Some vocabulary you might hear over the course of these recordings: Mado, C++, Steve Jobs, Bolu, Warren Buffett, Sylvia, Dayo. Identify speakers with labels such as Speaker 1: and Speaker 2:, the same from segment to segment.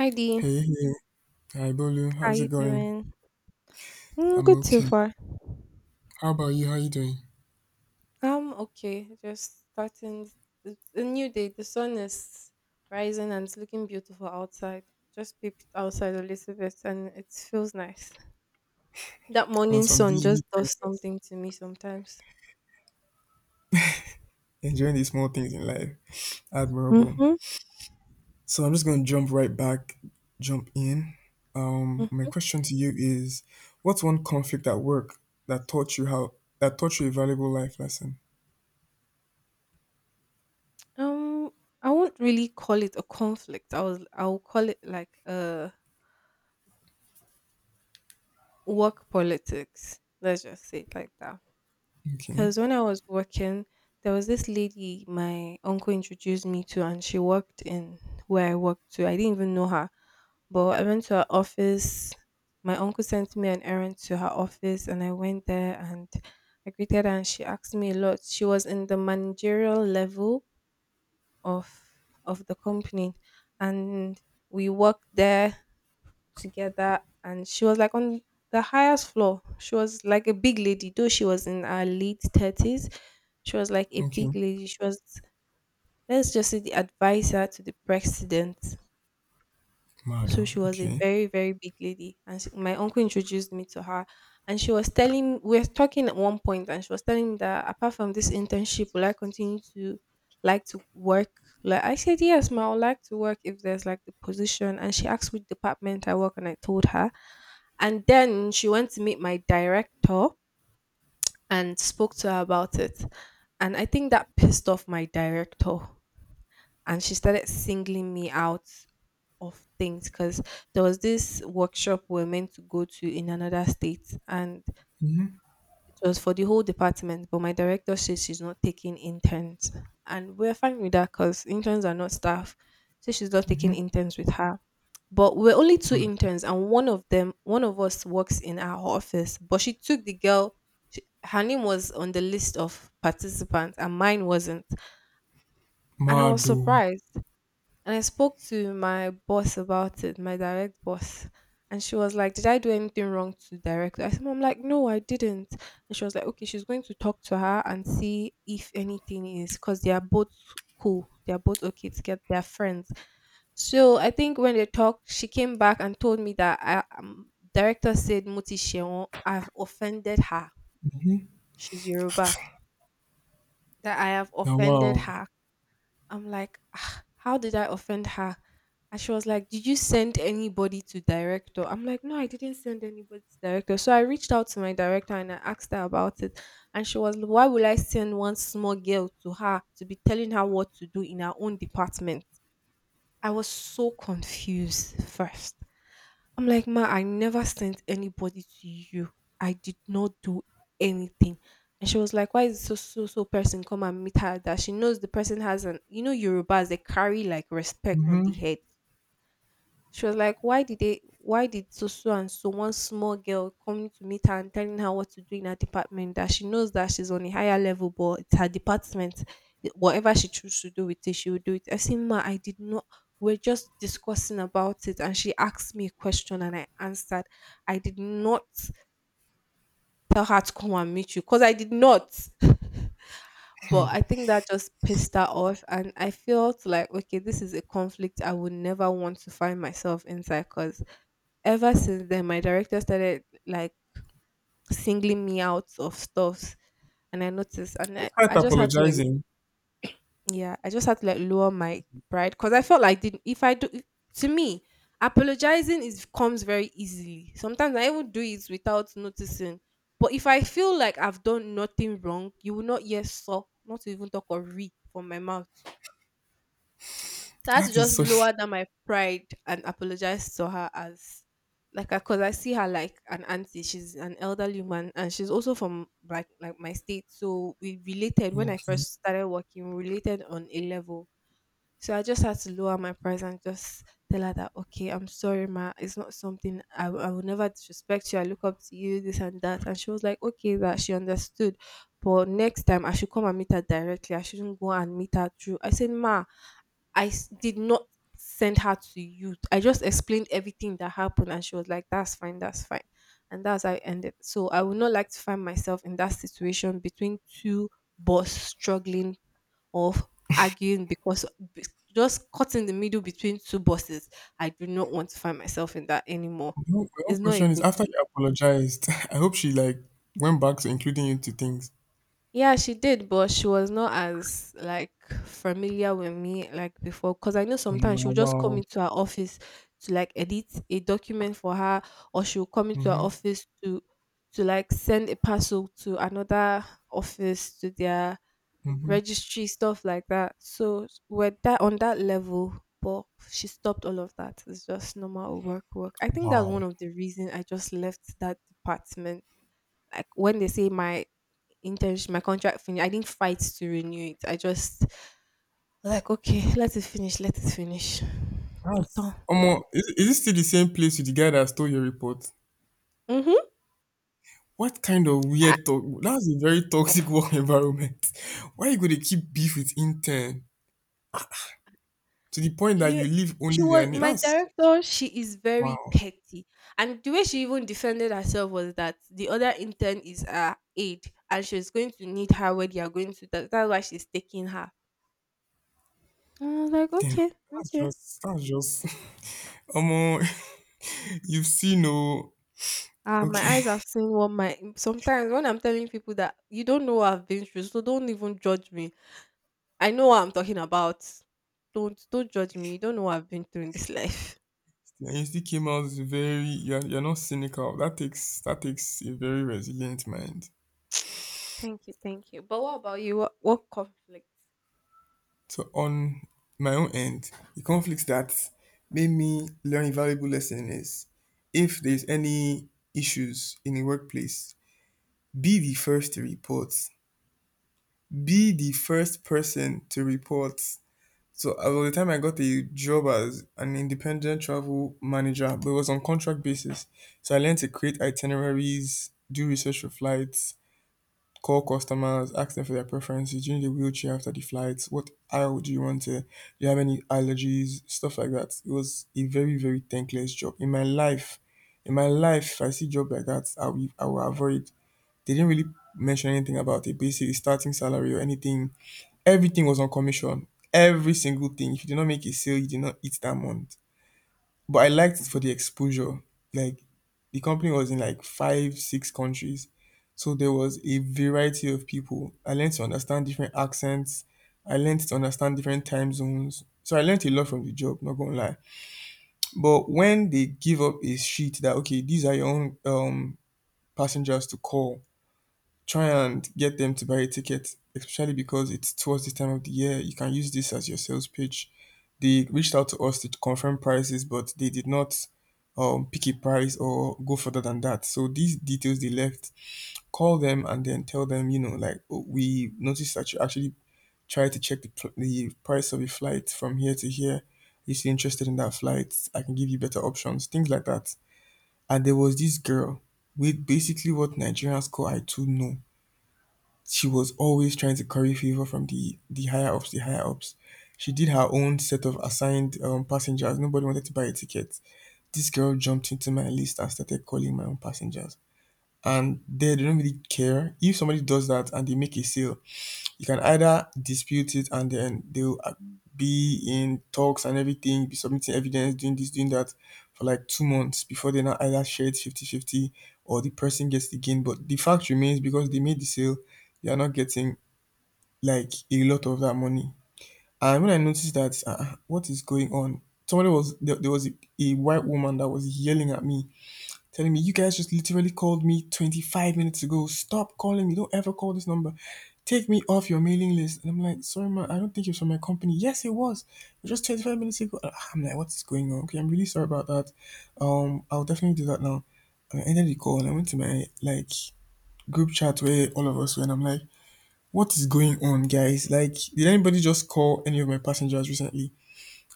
Speaker 1: Hi Dee,
Speaker 2: Hey, hey, hi Bolu,
Speaker 1: how
Speaker 2: how's
Speaker 1: you
Speaker 2: it going?
Speaker 1: doing? Mm,
Speaker 2: I'm
Speaker 1: good so
Speaker 2: okay.
Speaker 1: far.
Speaker 2: How about you? How you doing?
Speaker 1: I'm okay. Just starting. It's a new day. The sun is rising and it's looking beautiful outside. Just peeped outside a little bit and it feels nice. That
Speaker 2: On
Speaker 1: morning
Speaker 2: some
Speaker 1: sun
Speaker 2: Disney
Speaker 1: just does
Speaker 2: princess,
Speaker 1: something to me sometimes.
Speaker 2: enjoying the small things in life. Admirable.
Speaker 1: Mm-hmm.
Speaker 2: So I'm just gonna jump right back, jump in. My question to you is, what's one conflict at work that taught you a valuable life lesson?
Speaker 1: Um, I won't really call it a conflict. I'll call it like a work politics. Let's just say it like that.
Speaker 2: Okay,
Speaker 1: Because when I was working, there was this lady my uncle introduced me to, and she worked in where I worked to. I didn't even know her, but I went to her office. My uncle sent me an errand to her office, and I went there and I greeted her, and she asked me a lot. She was in the managerial level of of the company, and we worked there together and she was like on the highest floor. She was like a big lady, though she was in her late 30s. She was like a
Speaker 2: okay,
Speaker 1: big lady. She was, let's just say, the advisor to the president. So
Speaker 2: Mado.
Speaker 1: she was a
Speaker 2: Okay,
Speaker 1: very, very big lady. And my uncle introduced me to her. And we were talking at one point, and she was telling me that apart from this internship, will I continue to like to work? Like I said, yes, ma, I would like to work if there's like the position. And she asked which department I work, and I told her. And then she went to meet my director and spoke to her about it. And I think that pissed off my director. And she started singling me out of things because there was this workshop we are meant to go to in another state and
Speaker 2: mm-hmm.
Speaker 1: it was for the whole department, but my director says she's not taking interns, and we're fine with that because interns are not staff, so she's not taking
Speaker 2: Mm-hmm.
Speaker 1: interns with her. But we're only two
Speaker 2: Mado.
Speaker 1: interns and one of us works in our office, but she took the girl. Her name was on the list of participants and mine wasn't, and I was
Speaker 2: Mado.
Speaker 1: surprised. And I spoke to my boss about it, my direct boss. And she was like, "Did I do anything wrong to direct her?" I said, "Mom, like, no, I didn't." And she was like, "Okay, she's going to talk to her and see if anything is because they are both cool. They are both okay to get their friends." So I think when they talked, she came back and told me that director said Muti Sheon, I've offended her. She's Yoruba. That I have
Speaker 2: Now,
Speaker 1: offended
Speaker 2: wow.
Speaker 1: her. I'm like, "Ah, how did I offend her?" And she was like, "Did you send anybody to director?" I'm like, "No, I didn't send anybody to director." So I reached out to my director and I asked her about it. And she was like, "Why will I send one small girl to her to be telling her what to do in her own department?" I was so confused first. I'm like, "Ma, I never sent anybody to you. I did not do anything." And she was like, "Why is so so so person come and meet her that she knows the person has an, you know, Yorubas, they carry like respect on the
Speaker 2: Mm-hmm.
Speaker 1: head." She was like, "Why did they? Why did so so and so one small girl coming to meet her and telling her what to do in her department? That she knows that she's on a higher level, but it's her department. It- Whatever she chooses to do with it, she will do it." I said, "Ma, I did not. We're just discussing about it, and she asked me a question, and I answered. I did not tell her to come and meet you because I did not."
Speaker 2: Hmm.
Speaker 1: But I think that just pissed her off, and I felt like, okay, this is a conflict I would never want to find myself inside. Because ever since then my director started like singling me out of stuffs, and I noticed, and I,
Speaker 2: Despite
Speaker 1: I just had to like
Speaker 2: apologizing,
Speaker 1: yeah, I just had to like lower my pride because I felt like did if I do to me, apologizing is comes very easily. Sometimes I even do it without noticing. But if I feel like I've done nothing wrong, you will not hear so not to even talk or re from my mouth. So I had to
Speaker 2: that is
Speaker 1: just
Speaker 2: so.
Speaker 1: lower down my pride and apologize to her as like because I see her like an auntie. She's an elderly woman and she's also from like my state. So we related when I
Speaker 2: Okay.
Speaker 1: first started working, we related on a level. So I just had to lower my price and just tell her that, okay, I'm sorry, ma. It's not something I will never disrespect you. I look up to you, this and that. And she was like, okay, that she understood. But next time I should come and meet her directly. I shouldn't go and meet her through. I said, "Ma, did not send her to you." I just explained everything that happened, and she was like, that's fine," and that's how it ended. So I would not like to find myself in that situation between two boss struggling of arguing because be- just caught in the middle between two bosses. I do not want to find myself in that anymore.
Speaker 2: My own
Speaker 1: It's not a
Speaker 2: question is
Speaker 1: good
Speaker 2: after
Speaker 1: thing.
Speaker 2: you apologized, I hope she like went back to including you to things.
Speaker 1: Yeah, she did, but she was not as like familiar with me like before. Cause I know
Speaker 2: Um,
Speaker 1: sometimes she'll just come
Speaker 2: wow.
Speaker 1: into her office to like edit a document for her, or she'll come into her
Speaker 2: Mm-hmm.
Speaker 1: office to like send a parcel to another office to their
Speaker 2: Mm-hmm.
Speaker 1: registry stuff like that. So we're that on that level, but she stopped all of that. It's just normal work. I think that's
Speaker 2: Wow.
Speaker 1: one of the reason I just left that department. Like when they say my internship, my contract finished, I didn't fight to renew it. I just like okay, let it finish, let it finish.
Speaker 2: That's
Speaker 1: Autant.
Speaker 2: um, is, is this still the same place with the guy that stole your report?
Speaker 1: Mm-hmm.
Speaker 2: What kind of weird talk? That's a very toxic work environment. Why you gonna keep beef with intern to the point that
Speaker 1: You,
Speaker 2: you leave
Speaker 1: she
Speaker 2: only their
Speaker 1: was
Speaker 2: name?
Speaker 1: my
Speaker 2: That's
Speaker 1: director, she is very
Speaker 2: wow.
Speaker 1: petty. And the way she even defended herself was that the other intern is her aide and she's going to need her where they are going to, that's why she's taking her. And I was like,
Speaker 2: Damn.
Speaker 1: okay,
Speaker 2: That's
Speaker 1: okay.
Speaker 2: just that's just um, you've seen no
Speaker 1: Ah, my
Speaker 2: okay.
Speaker 1: eyes have seen what my sometimes when I'm telling people that you don't know what I've been through, so don't even judge me. I know what I'm talking about. Don't judge me, you don't know what I've been through in this life.
Speaker 2: And you still came out very you're not cynical. That takes a very resilient mind.
Speaker 1: Thank you, thank you, but what about you, what conflicts?
Speaker 2: So on my own end, the conflicts that made me learn a valuable lesson is, if there's any issues in the workplace, be the first to report. Be the first person to report. So by the time I got a job as an independent travel manager, but it was on contract basis. So I learned to create itineraries, do research for flights, call customers, ask them for their preferences. Do you need a wheelchair after the flight? What aisle do you want to? Do you have any allergies? Stuff like that. It was a very, very thankless job. In my life, if I see job like that, I will avoid. They didn't really mention anything about a basic starting salary or anything. Everything was on commission. Every single thing. If you did not make a sale, you did not eat that month. But I liked it for the exposure. Like the company was in like five, six countries. So there was a variety of people. I learned to understand different accents. I learned to understand different time zones. So I learned a lot from the job, not gonna lie. But when they give up a sheet that okay, these are your own passengers to call. Try and get them to buy a ticket, especially because it's towards the time of the year. You can use this as your sales pitch. They reached out to us to confirm prices, but they did not pick a price or go further than that. So these details they left, call them and then tell them, you know, like, "Oh, we noticed that you actually tried to check the price of a flight from here to here. If you're interested in that flight, I can give you better options, things like that." And there was this girl with basically what Nigerians call I too know. She was always trying to curry favor from the higher ups, the higher ups. She did her own set of assigned passengers. Nobody wanted to buy a ticket. This girl jumped into my list and started calling my own passengers. And they don't really care. If somebody does that and they make a sale, you can either dispute it and then they'll be in talks and everything, be submitting evidence, doing this, doing that for like 2 months before they now either share it 50 50, or the person gets the gain. But the fact remains, because they made the sale, you are not getting like a lot of that money. And when I noticed that, ah, ah, what is going on? There was a white woman that was yelling at me, telling me, "You guys just literally called me 25 minutes ago. Stop calling me. Don't ever call this number. Take me off your mailing list." And I'm like, "Sorry, ma, I don't think it's from my company." Yes, it was. It was just 25 minutes ago. Ah, I'm like, "What is going on? Okay, I'm really sorry about that. I'll definitely do that now." And I ended the call and I went to my like group chat where all of us were, and I'm like, "What is going on, guys? Like, did anybody just call any of my passengers recently?"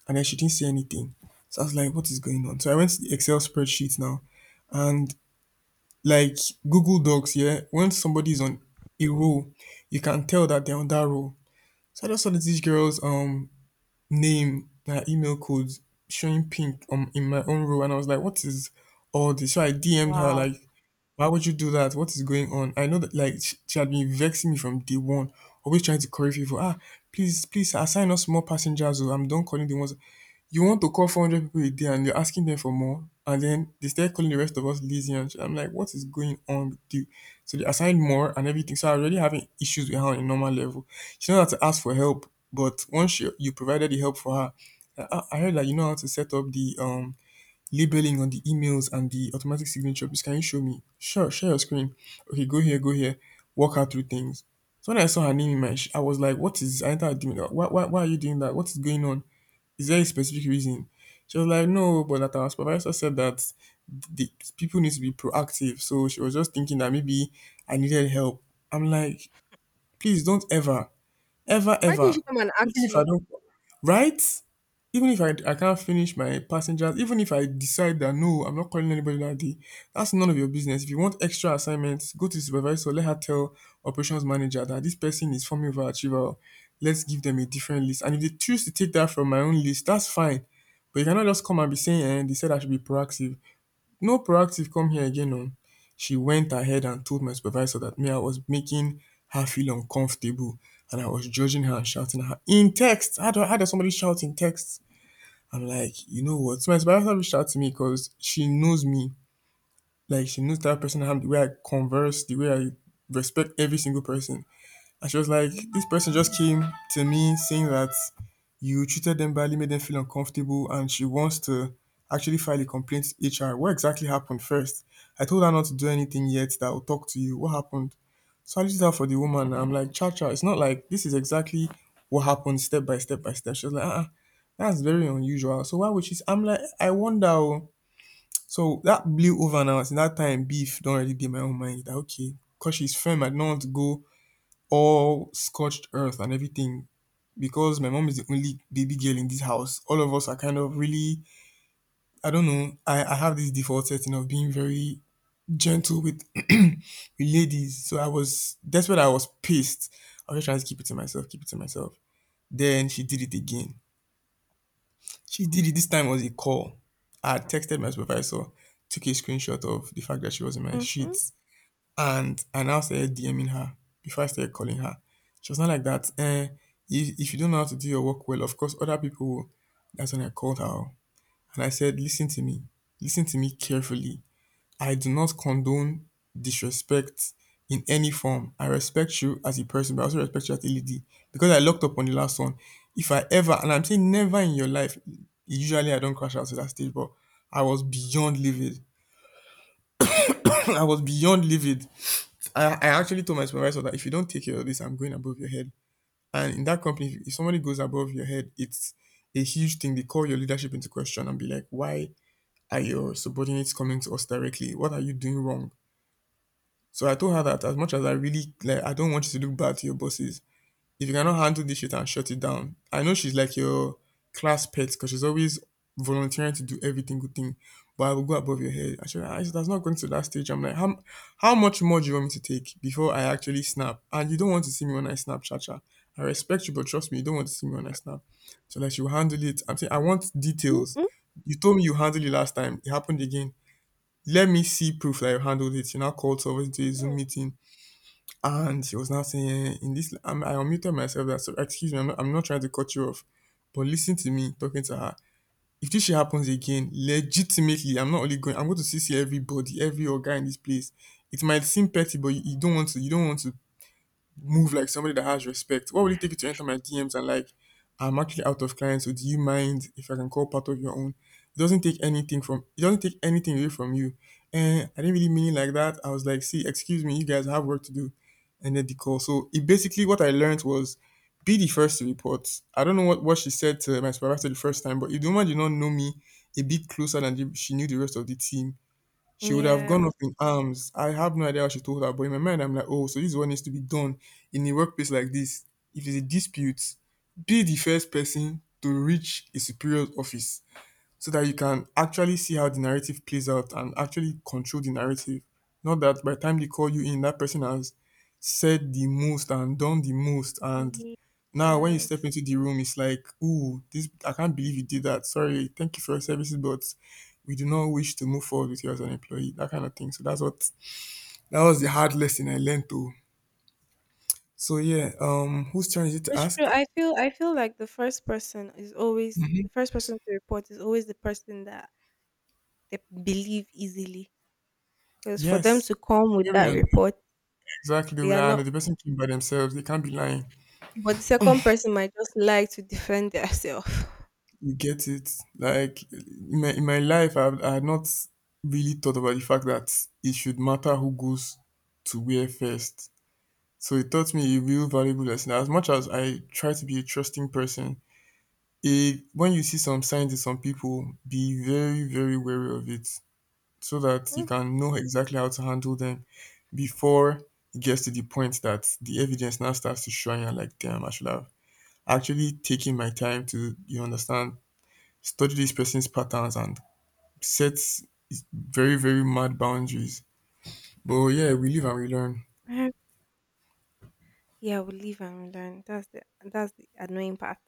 Speaker 2: And then she didn't say anything. So I was like, what is going on? So I went to the Excel spreadsheet now. And like Google Docs, yeah, when somebody's on a roll, you can tell that they're on that roll. So I just saw that this girl's name, her email codes, showing pink in my own row, and I was like, what is all this? So I DM'd her like,
Speaker 1: Wow.
Speaker 2: why would you do that? What is going on? I know that like she had been vexing me from day one, always trying to correct people. Ah, please, please assign us more passengers. Oh, I'm done calling the ones. You want to call 400 people a day and you're asking them for more, and then they start calling the rest of us lazy. And shit. I'm like, what is going on with you? So they assign more and everything. So I already having issues with her on a normal level. She knows how to ask for help, but once you provided the help for her, I heard that you know how to set up the labeling on the emails and the automatic signature. Please can you show me? Sure, share your screen. Okay, go here, go here. Walk her through things. So when I saw her name in my I was like, what is I entered doing that? Why are you doing that? What is going on? Is there a specific reason? She was like, no, but that our supervisor said that the people need to be proactive, so she was just thinking that maybe I needed help. I'm like, please don't ever. Ever,
Speaker 1: Why didn't
Speaker 2: ever.
Speaker 1: she come and
Speaker 2: Even
Speaker 1: ask
Speaker 2: if I
Speaker 1: you?
Speaker 2: don't, right? Even if I can't finish my passengers, even if I decide that, "No, I'm not calling anybody that day," that's none of your business. If you want extra assignments, go to the supervisor, let her tell operations manager that this person is forming overachiever. Let's give them a different list. And if they choose to take that from my own list, that's fine. But you cannot just come and be saying, "Eh, they said I should be proactive." No proactive come here again oo. She went ahead and told my supervisor that me I was making her feel uncomfortable, and I was judging her and shouting at her in text. How do how does somebody shout in text? I'm like, you know what? So my supervisor reached out to me, cause she knows me. Like she knows that person I am, the way I converse, the way I respect every single person. And she was like, "This person just came to me saying that you treated them badly, made them feel uncomfortable, and she wants to actually file a complaint to HR. What exactly happened first?" I told her not to do anything yet, that I'll talk to you. What happened? So I listed out for the woman. I'm like, "Cha cha, it's not like this. Is exactly what happened, step by step by step." She was like, "That's very unusual. So why would she? I'm like, I wonder. Oh. So that blew over now. Since that time, beef don't really be in my own mind. That, okay, because she's firm, I don't want to go all scorched earth and everything. Because my mom is the only baby girl in this house, all of us are kind of really, I don't know, I have this default setting of being very gentle with, with ladies. So I was, that's when I was pissed. I was just trying to keep it to myself, keep it to myself. Then she did it again. She did it. This time was a call. I had texted my supervisor, took a screenshot of the fact that she was in my
Speaker 1: Mhm.
Speaker 2: sheets. And I now started DMing her before I started calling her. She was not like that. Eh, if you don't know how to do your work well, of course, other people will. That's when I called her. And I said, listen to me. Listen to me carefully. I do not condone disrespect in any form. I respect you as a person, but I also respect you as a lady. Because I locked up on the last one. If I ever, and I'm saying never in your life, usually I don't crash out to that stage, but I was beyond livid. I was beyond livid. I actually told my supervisor that if you don't take care of this, I'm going above your head. And in that company, if somebody goes above your head, it's a huge thing. They call your leadership into question and be like, why are your subordinates coming to us directly? What are you doing wrong? So I told her that as much as I really like, I don't want you to look bad to your bosses if you cannot handle this shit and shut it down. I know she's like your class pet because she's always volunteering to do everything good thing. But I will go above your head. Actually, I said, that's not going to that stage. I'm like, how much more do you want me to take before I actually snap? And you don't want to see me when I snap, Cha Cha. I respect you, but trust me, you don't want to see me when I snap. So that you handle it. I'm saying, I want details.
Speaker 1: Mhm.
Speaker 2: You told me you handled it last time. It happened again. Let me see proof that you handled it. You now called someone to a Zoom
Speaker 1: Mhm.
Speaker 2: meeting, and she was now saying, in this, I unmuted myself that, so excuse me, I'm not trying to cut you off, but listen to me talking to her. If this shit happens again, legitimately, I'm not only going, I'm going to CC everybody, every guy in this place. It might seem petty, but you don't want to, you don't want to move like somebody that has respect. What will it take you to enter my DMs and like, I'm actually out of clients, so do you mind if I can call part of your own? It doesn't take anything from it doesn't take anything away from you. And I didn't really mean it like that. I was like, see, excuse me, you guys have work to do. And then the call. So it basically what I learned was be the first to report. I don't know what she said to my supervisor the first time, but if the woman did not know me a bit closer than the, she knew the rest of the team, she would have gone
Speaker 1: Yes.
Speaker 2: up in arms. I have no idea how she told her, but in my mind, I'm like, oh, so this is what needs to be done in a workplace like this. If it's a dispute, be the first person to reach a superior office so that you can actually see how the narrative plays out and actually control the narrative. Not that by the time they call you in, that person has said the most and done the most. And now when you step
Speaker 1: Yes.
Speaker 2: into the room, it's like, ooh, this I can't believe you did that. Sorry, thank you for your services, but we do not wish to move forward with you as an employee. That kind of thing. So that's what that was the hard lesson I learned to. So yeah, whose turn is it to
Speaker 1: It's true.
Speaker 2: ask?
Speaker 1: I feel like the first person to report is always the person that they believe easily. Because for them
Speaker 2: Yes.
Speaker 1: to come with
Speaker 2: Very
Speaker 1: that
Speaker 2: un-
Speaker 1: report,
Speaker 2: exactly. They
Speaker 1: they
Speaker 2: Will.
Speaker 1: are
Speaker 2: Lie. No,
Speaker 1: not,
Speaker 2: the person came by themselves. They can't be lying.
Speaker 1: but the second person might just like to defend themselves.
Speaker 2: You get it? Like in my life, I had not really thought about the fact that it should matter who goes to where first. So it taught me a real valuable lesson. As much as I try to be a trusting person, a, when you see some signs in some people, be very, very wary of it so that you can know exactly how to handle them before it gets to the point that the evidence now starts to show you like, damn, I should have actually taken my time to, you understand, study this person's patterns and set very, very mad boundaries. But yeah, we live and we learn.
Speaker 1: Yeah, we live and we learn. That's the annoying part.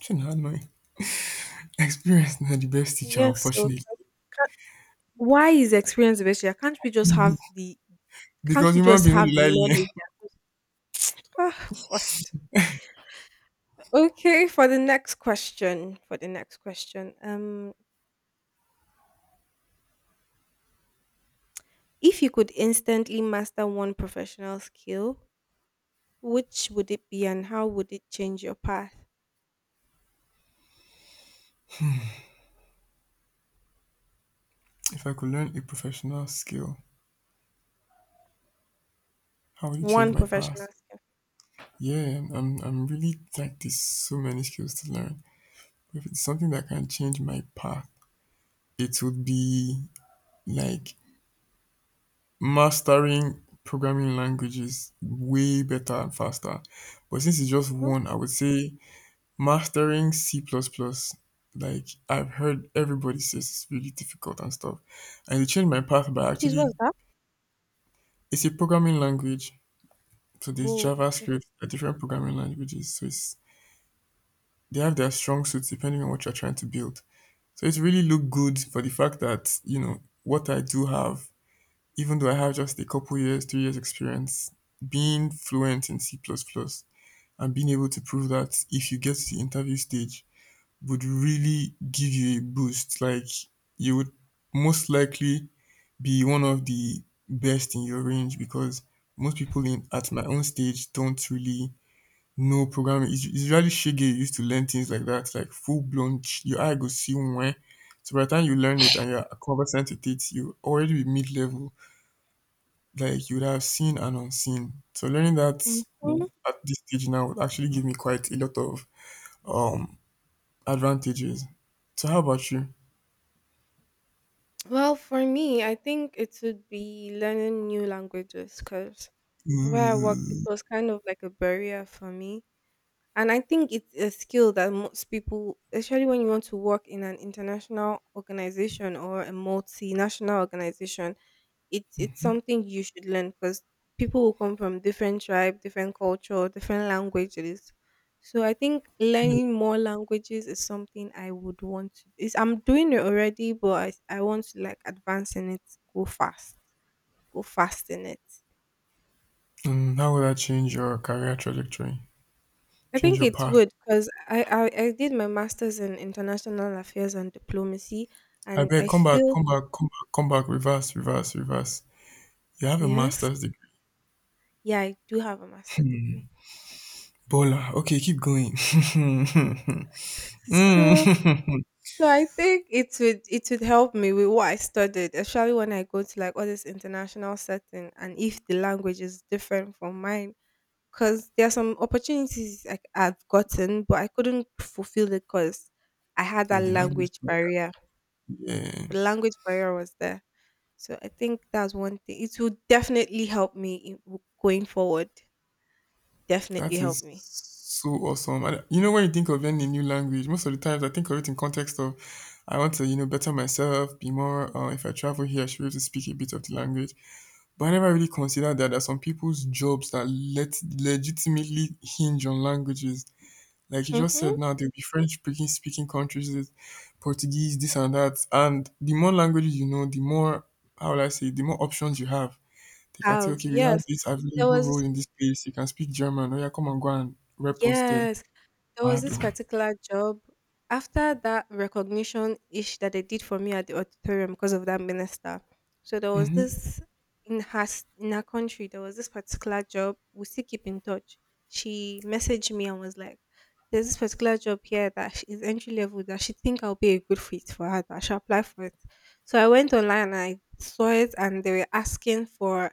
Speaker 2: Shouldn't have my experience not the best teacher,
Speaker 1: Yes, so
Speaker 2: unfortunately.
Speaker 1: why is experience the best? Yeah. Can't we just have the Can't
Speaker 2: Because
Speaker 1: we
Speaker 2: human
Speaker 1: just
Speaker 2: beings don't
Speaker 1: have the
Speaker 2: like learn.
Speaker 1: knowledge? Ah, God. Okay, for the next question, if you could instantly master one professional skill, which would it be, and how would it change your path?
Speaker 2: If I could learn a professional skill, how would it change
Speaker 1: One
Speaker 2: my path?
Speaker 1: professional skill.
Speaker 2: Yeah, I'm really like there's so many skills to learn. If it's something that can change my path, it would be like mastering programming languages way better and faster. But since it's just
Speaker 1: Hmm?
Speaker 2: one, I would say mastering C++, plus plus, like I've heard everybody says it's really difficult and stuff. And it changed my path by
Speaker 1: Please,
Speaker 2: actually
Speaker 1: what's that?
Speaker 2: it's a programming language. So there's
Speaker 1: Oh, okay.
Speaker 2: JavaScript, there different programming languages. So it's they have their strong suits depending on what you're trying to build. So it really looked good for the fact that, you know, what I do have, even though I have just a couple years, 3 years experience, being fluent in C++ plus plus and being able to prove that if you get to the interview stage, would really give you a boost. Like you would most likely be one of the best in your range because most people in at my own stage don't really know programming. It's really shaggy used to learn things like that, like full blown. Ch- Your eye go see when. So by the time you learn it and you're conversant with it, you already be mid level. Like you would have seen and unseen. So learning
Speaker 1: Mhm.
Speaker 2: that w- at this stage now would actually give me quite a lot of um advantages. So how about you?
Speaker 1: Well, for me, I think it would be learning new languages because where I work, it
Speaker 2: Mm,
Speaker 1: was kind of like a barrier for me. And I think it's a skill that most people, especially when you want to work in an international organization or a multinational organization, it's something you should learn because people will come from different tribe, different culture, different languages. So I think
Speaker 2: yeah.
Speaker 1: learning more languages is something I would want to. Is I'm doing it already, but I want to like advance in it, go fast, go fast in it.
Speaker 2: Mm, how will that change your career trajectory?
Speaker 1: I
Speaker 2: Change
Speaker 1: think
Speaker 2: your
Speaker 1: it
Speaker 2: path?
Speaker 1: would because I did my master's in international affairs and diplomacy,
Speaker 2: I
Speaker 1: and
Speaker 2: beg,
Speaker 1: I
Speaker 2: come back,
Speaker 1: feel
Speaker 2: come back, come back, come back, reverse, reverse, reverse. You have a
Speaker 1: yes,
Speaker 2: master's degree.
Speaker 1: yeah, I do have a master degree.
Speaker 2: Bola. Okay, keep going. Mm.
Speaker 1: So so I think it would help me with what I studied, especially when I go to like all this international setting, and if the language is different from mine, because there are some opportunities I've gotten, but I couldn't fulfill it because I had
Speaker 2: No,
Speaker 1: that
Speaker 2: the language.
Speaker 1: language barrier.
Speaker 2: Yeah,
Speaker 1: The language barrier was there. So I think that's one thing. It will definitely help me in, going forward. Definitely
Speaker 2: that
Speaker 1: help
Speaker 2: is
Speaker 1: me.
Speaker 2: so awesome. And you know, when you think of any new language, most of the times I think of it in context of I want to, you know, better myself, be more. If I travel here, I should be able to speak a bit of the language. But I never really considered that there are some people's jobs that let legitimately hinge on languages. Like you just
Speaker 1: Mm-hmm.
Speaker 2: said now, there'll be French speaking countries, there's Portuguese, this and that. And the more languages you know, the more how will I say, the more options you have. They can say,
Speaker 1: Have
Speaker 2: okay, we have
Speaker 1: yes.
Speaker 2: this
Speaker 1: There
Speaker 2: available role
Speaker 1: was
Speaker 2: in this place. You can speak German. Oh yeah, come and go and rep us there.
Speaker 1: yes, there was
Speaker 2: Mado.
Speaker 1: this particular job. After that recognition ish that they did for me at the auditorium because of that minister. So there was
Speaker 2: Hmm.
Speaker 1: this in her country. There was this particular job. We still keep in touch. She messaged me and was like, "There's this particular job here that is entry level that she think I'll be a good fit for her. That I should apply for it." So I went online and I saw it, and they were asking for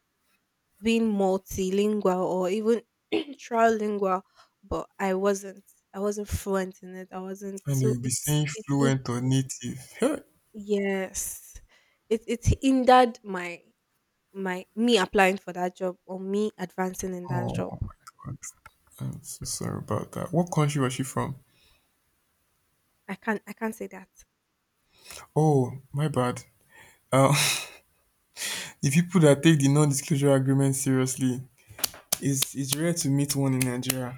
Speaker 1: being multilingual or even trilingual, but I wasn't. I wasn't fluent in it. I wasn't.
Speaker 2: And
Speaker 1: So
Speaker 2: they'll be saying fluent or native. Hey.
Speaker 1: yes, it hindered my my me applying for that job or me advancing in that
Speaker 2: Oh
Speaker 1: job.
Speaker 2: my god. I'm so sorry about that. What country was she from?
Speaker 1: I can't say that.
Speaker 2: Oh, my bad. Um, the people that take the non-disclosure agreement seriously, it's rare to meet one in Nigeria.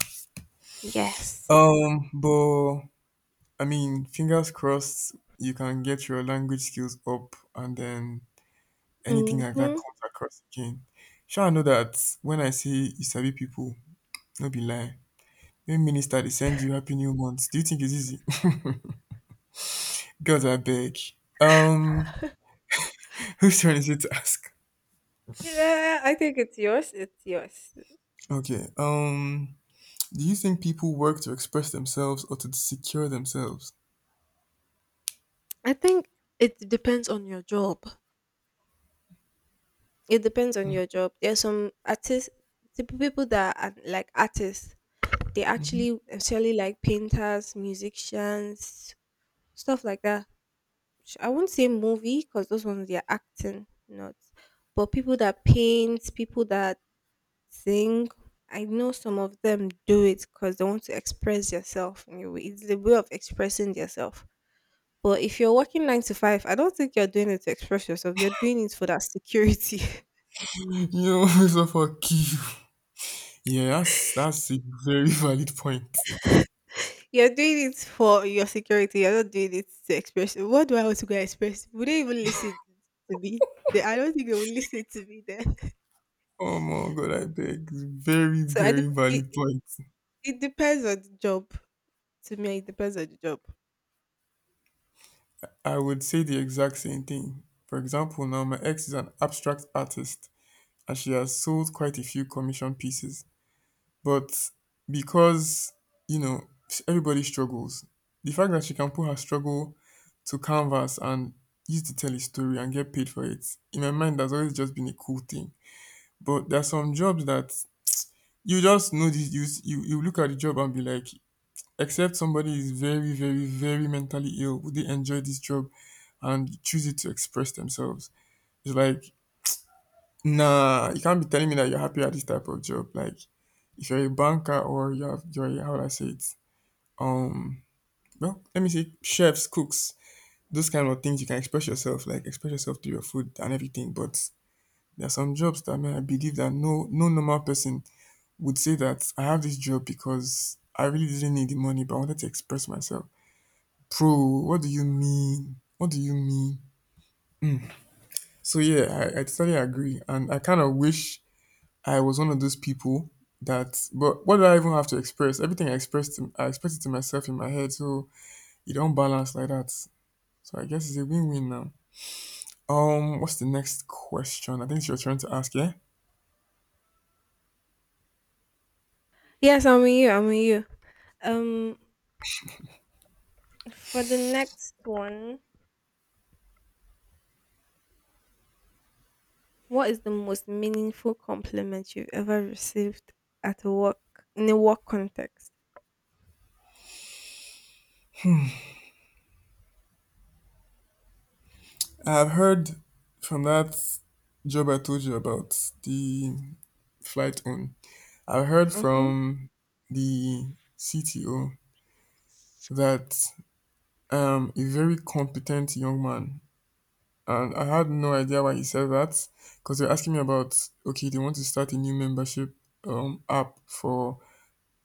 Speaker 1: Yes.
Speaker 2: But I mean, fingers crossed, you can get your language skills up, and then anything like that
Speaker 1: Mm-hmm.
Speaker 2: comes across again. Sure, I know that when I say you sabi people, no be lie. When minister they send you happy new month, do you think it's easy? God, I beg. Um, whose turn is it to ask?
Speaker 1: Yeah, I think it's yours. It's yours.
Speaker 2: Okay. Do you think people work to express themselves or to secure themselves?
Speaker 1: I think it depends on your job. It depends on
Speaker 2: Yo,
Speaker 1: your job. There's some artists, the people that are like artists. They actually like painters, musicians, stuff like that. I won't say movie because those ones they are acting, not. But people that paint, people that sing, I know some of them do it because they want to express yourself in a way. It's the way of expressing yourself. But if you're working nine to five, I don't think you're doing it to express yourself. You're doing it for that security.
Speaker 2: Mr. Fuck you. Yeah, that's a very valid point.
Speaker 1: You're doing it for your security. You're not doing it to express. What do I want to go express? Would they even listen to me? They, I don't think they will listen to me then.
Speaker 2: Oh my god, I beg. Very,
Speaker 1: So
Speaker 2: very valid point.
Speaker 1: it depends on the job. To me, it depends on the job.
Speaker 2: I would say the exact same thing. For example, now my ex is an abstract artist and she has sold quite a few commission pieces. But because, you know, everybody struggles, the fact that she can put her struggle to canvas and use to tell a story and get paid for it, in my mind, that's always just been a cool thing. But there are some jobs that you just know this. You look at the job and be like, except somebody is very very very mentally ill, would they enjoy this job and choose it to express themselves? It's like nah, you can't be telling me that you're happy at this type of job. Like if you're a banker or you're a- how would I say it? Um, well, let me say chefs, cooks, those kind of things. You can express yourself, like express yourself through your food and everything. But there are some jobs that man, I believe that no no normal person would say that I have this job because I really didn't need the money, but I wanted to express myself. Bro, what do you mean? What do you mean? So yeah, I totally agree. And I kind of wish I was one of those people that but what do I even have to express? Everything I expressed to- I expressed it to myself in my head, so it don't balance like that. So I guess it's a win-win now. What's the next question? I think you're trying to ask, yeah?
Speaker 1: Yes, I'm with you. I'm with you. Um, for the next one, what is the most meaningful compliment you've ever received at a work in a work context?
Speaker 2: I've heard from that job I told you about, the flight on. I heard
Speaker 1: Mm-hmm.
Speaker 2: from the CTO that a very competent young man, and I had no idea why he said that because they're asking me about okay, they want to start a new membership app for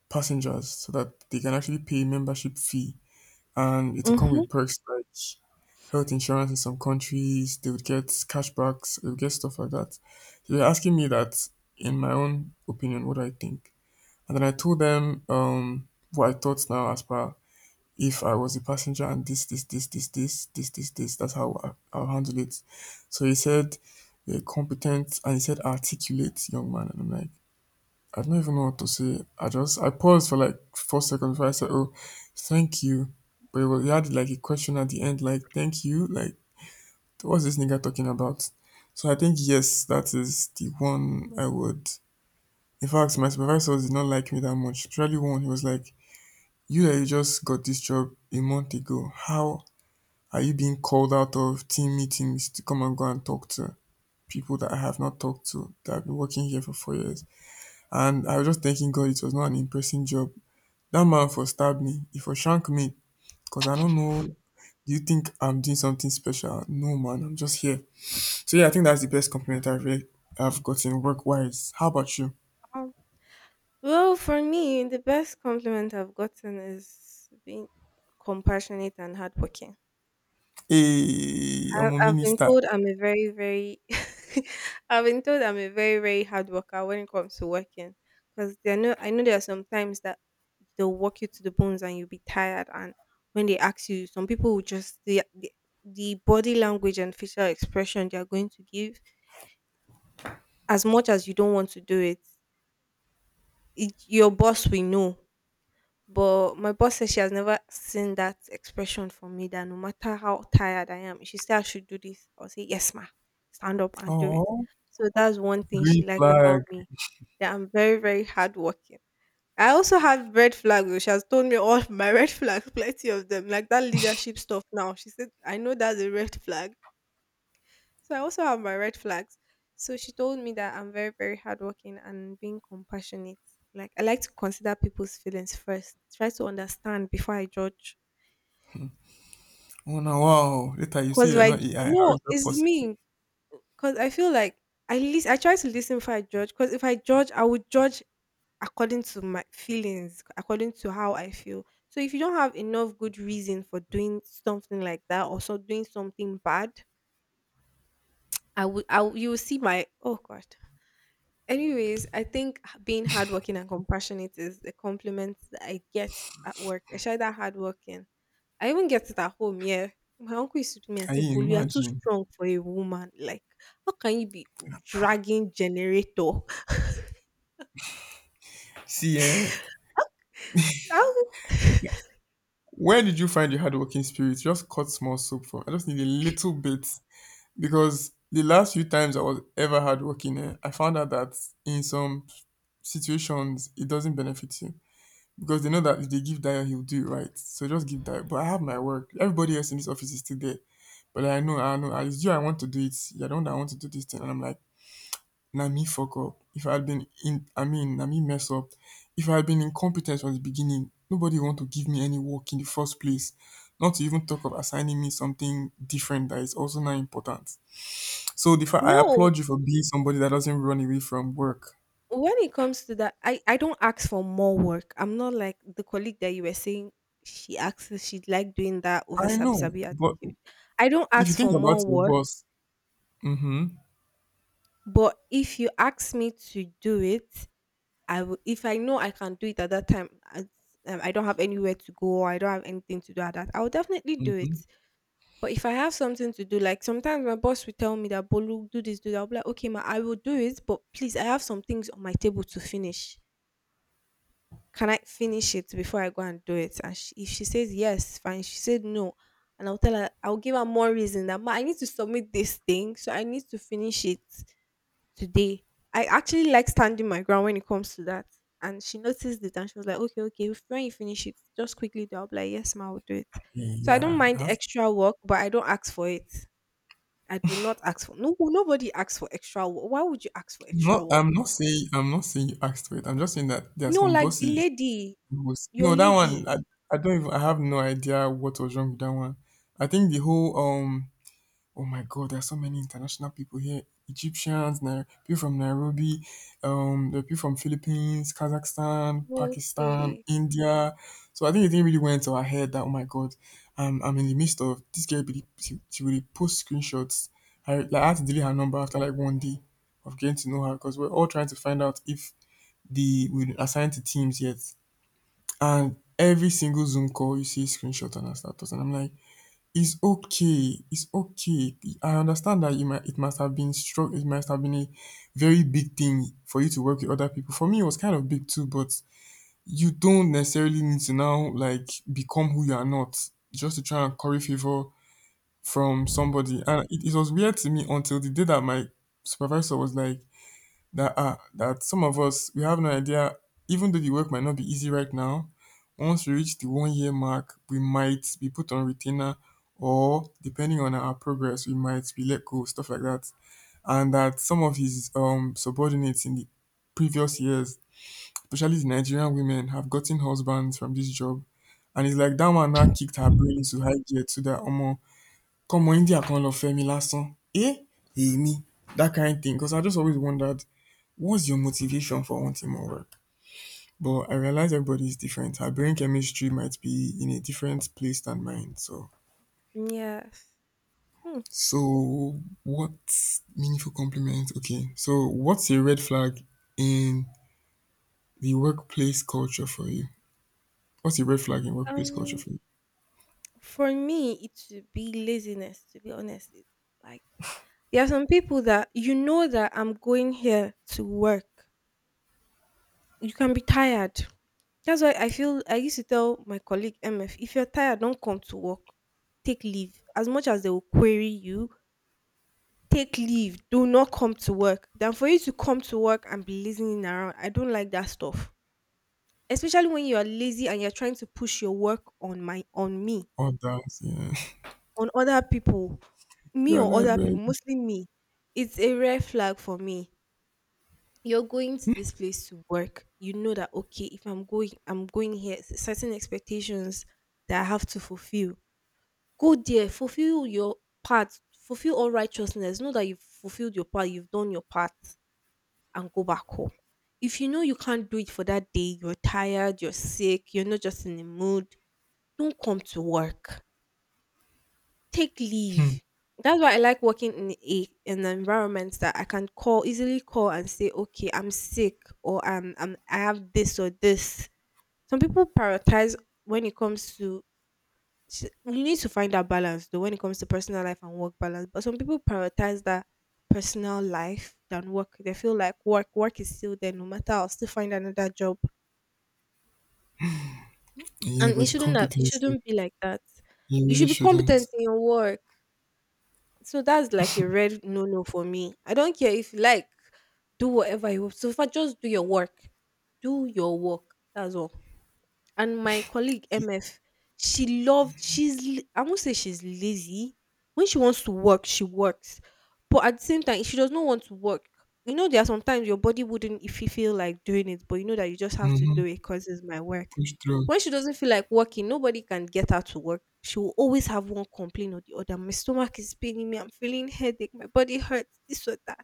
Speaker 2: passengers so that they can actually pay membership fee and it will come
Speaker 1: Mm-hmm.
Speaker 2: with perks like health insurance in some countries, they would get cashbacks, they would get stuff like that. So they're asking me that in my own opinion, what do I think. And then I told them what I thought now as per if I was a passenger and this, that's how I'll handle it. So he said, yeah, competent, and he said, articulate, young man. And I'm like, I don't even know what to say. I just, I paused for like 4 seconds before I said, oh, thank you. But it was, he had like a question at the end, like, thank you. Like, what's this nigga talking about? So I think, yes, that is the one I would. In fact, my supervisors did not like me that much. Especially one, he was like, you that you just got this job a month ago, how are you being called out of team meetings to come and go and talk to people that I have not talked to that have been working here for 4 years? And I was just thanking God it was not an in-person job. That man for stab me, he for shank me, because I don't know. Do you think I'm doing something special? No, man, I'm just here. So yeah, I think that's the best compliment I've gotten work wise. How about you?
Speaker 1: Well, for me, the best compliment I've gotten is being compassionate and hardworking.
Speaker 2: Hey, I'm a
Speaker 1: I've been
Speaker 2: minister.
Speaker 1: told I'm a I've been told I'm a very, very hard worker when it comes to working. Because I know there are some times that they'll work you to the bones and you'll be tired. And when they ask you, some people will just the body language and facial expression they are going to give, as much as you don't want to do it, it your boss will know. But my boss says she has never seen that expression from me that no matter how tired I am, if she says I should do this, I'll say, "Yes, ma," stand up and do it.
Speaker 2: Oh,
Speaker 1: So that's one thing she
Speaker 2: green
Speaker 1: liked
Speaker 2: flag.
Speaker 1: about me. That I'm very, very hardworking. I also have red flags though. She has told me all my red flags, plenty of them, like that leadership stuff now. She said, I know that's a red flag, so I also have my red flags. So she told me that I'm very, very hardworking and being compassionate. Like I like to consider people's feelings first, try to understand before I judge.
Speaker 2: Oh no, wow. Later you say
Speaker 1: Cause if
Speaker 2: you're
Speaker 1: I
Speaker 2: not
Speaker 1: j-
Speaker 2: AI. How
Speaker 1: No,
Speaker 2: is that
Speaker 1: it's
Speaker 2: possible?
Speaker 1: me. Cause I feel like at least I try to listen before I judge. Cause if I judge, I would judge according to my feelings, according to how I feel. So if you don't have enough good reason for doing something like that or so doing something bad, I would, you will see my oh god. Anyways, I think being hardworking and compassionate is the compliment that I get at work. I share that hardworking. I even get it at home. Yeah, my uncle used to me and
Speaker 2: Can
Speaker 1: say,
Speaker 2: you
Speaker 1: "Bolu, you are too
Speaker 2: imagine?
Speaker 1: strong for a woman. Like, how can you be dragging generator?"
Speaker 2: See, eh?
Speaker 1: How-
Speaker 2: Where did you find your hardworking spirit? Just cut small soap from. I just need a little bit because the last few times I was ever hardworking, eh, I found out that in some situations it doesn't benefit you because they know that if they give Dio, he'll do it right. So just give Dio. But I have my work. Everybody else in this office is still there. But I know, it's you. I want to do it. You're the one that I want to do this thing, and I'm like. Na me fuck up, if I had been in I mean na me mess up if I had been incompetent from the beginning, nobody want to give me any work in the first place, not to even talk of assigning me something different that is also not important. So the fact, I
Speaker 1: no,
Speaker 2: applaud you for being somebody that doesn't run away from work.
Speaker 1: when it comes to that, I don't ask for more work. I'm not like the colleague that you were saying. She asks she'd like doing that over
Speaker 2: I know,
Speaker 1: sabi sabi
Speaker 2: but
Speaker 1: attitude. I don't
Speaker 2: if you
Speaker 1: ask
Speaker 2: think
Speaker 1: for
Speaker 2: about
Speaker 1: more
Speaker 2: your
Speaker 1: work.
Speaker 2: boss. Mm-hmm.
Speaker 1: But if you ask me to do it, I will if I know I can do it at that time, as I don't have anywhere to go or I don't have anything to do at that, I will definitely do it.
Speaker 2: Mm-hmm.
Speaker 1: But if I have something to do, like sometimes my boss will tell me that Bolu, do this, do that. I'll be like, okay, ma, I will do it, but please, I have some things on my table to finish. Can I finish it before I go and do it? And she, if she says yes, fine. She said no, and I'll tell her, I'll give her more reason that ma, I need to submit this thing, so I need to finish it today. I actually like standing my ground when it comes to that. And she noticed it and she was like, "Okay, okay, if- when you finish it, just quickly do it." I'll be like, yes, ma, I'll do it.
Speaker 2: Yeah,
Speaker 1: So I don't
Speaker 2: yeah. I
Speaker 1: mind
Speaker 2: have—
Speaker 1: extra work, but I don't ask for it. I do not ask for no nobody asks for extra work. Why would you ask for
Speaker 2: I'm not
Speaker 1: extra work?
Speaker 2: i'm not saying i'm not saying you asked for it, I'm just saying that there are
Speaker 1: No,
Speaker 2: some
Speaker 1: like the
Speaker 2: bosses.
Speaker 1: lady,
Speaker 2: It was— No,
Speaker 1: your
Speaker 2: that one
Speaker 1: lady.
Speaker 2: I don't even I have no idea what was wrong with that one. I think the whole oh my god, there are so many international people here. Egyptians, people from Nairobi, the people from Philippines, Kazakhstan, Pakistan,
Speaker 1: Okay.
Speaker 2: India. So I think it didn't really went to our head that oh my god, I'm in the midst of this girl. Really, she really post screenshots. I had to delete her number after like one day of getting to know her because we're all trying to find out if the we assigned to teams yet. And every single Zoom call, you see screenshot and her status, and I'm like, it's okay, it's okay. I understand that you might, it must have been struck, it must have been a very big thing for you to work with other people. For me, it was kind of big too, but you don't necessarily need to now like become who you are not just to try and curry favor from somebody. And it was weird to me until the day that my supervisor was like, that are that some of us we have no idea even though the work might not be easy right now, once we reach the one year mark we might be put on retainer, or depending on our progress we might be let go, stuff like that. And that some of his subordinates in the previous years, especially the Nigerian women, have gotten husbands from this job, and it's like that one now kicked her brain to high gear to that omo come on india kan lọ fẹ́ last lásán eh. Hey, me that kind of thing because I just always wondered, what's your motivation for wanting more work? But I realize everybody is different. Her brain chemistry might be in a different place than mine. So,
Speaker 1: Yes. Hmm.
Speaker 2: so what meaningful compliment? Okay. So, what's a red flag in the workplace culture for you? What's a red flag in workplace culture
Speaker 1: Um
Speaker 2: for you?
Speaker 1: For me, it would be laziness, to be honest. It- Like, there are some people that you know that I'm going here to work. You can be tired. That's why I feel I used to tell my colleague MF, if you're tired, don't come to work. Take leave. As much as they will query you, take leave. Do not come to work. Than for you to come to work and be lazing around. I don't like that stuff. Especially when you're lazy and you're trying to push your work on my on me.
Speaker 2: Others, yeah.
Speaker 1: On other people, me
Speaker 2: You're
Speaker 1: or
Speaker 2: like,
Speaker 1: other people,
Speaker 2: babe.
Speaker 1: mostly me, it's a red flag for me. You're going to this place to work. You know that okay, if I'm going, I'm going here. Certain expectations that I have to fulfill. Go there, fulfill your part, fulfill all righteousness. Know that you've fulfilled your part, you've done your part, and go back home. If you know you can't do it for that day, you're tired, you're sick, you're not just in the mood, don't come to work, take
Speaker 2: Hmm.
Speaker 1: leave. That's why I like working in a in an environment that I can call easily call and say, okay, I'm sick or I'm I have this or this. Some people prioritize when it comes to you need to find that balance though when it comes to personal life and work balance. But some people prioritize that personal life than work. They feel like work work is still there no matter I'll still find another job.
Speaker 2: Yeah,
Speaker 1: And
Speaker 2: but
Speaker 1: it
Speaker 2: the
Speaker 1: shouldn't have, It
Speaker 2: competency,
Speaker 1: shouldn't be like that.
Speaker 2: you
Speaker 1: You
Speaker 2: really
Speaker 1: should be competent
Speaker 2: shouldn't.
Speaker 1: in your work. So that's like a red no no for me. I don't care if you like, do whatever you want. So if I just do your work. Do your work. That's all. And my colleague MF, she loved she's l- I won't say she's lazy. When she wants to work, she works. But at the same time, if she does not want to work. You know, there are sometimes your body wouldn't if you feel like doing it, but you know that you just have to
Speaker 2: Mm-hmm.
Speaker 1: do it because it's my work.
Speaker 2: Push through.
Speaker 1: When she doesn't feel like working, nobody can get her to work. She will always have one complaint or the other. My stomach is paining me. I'm feeling headache. My body hurts. This or that,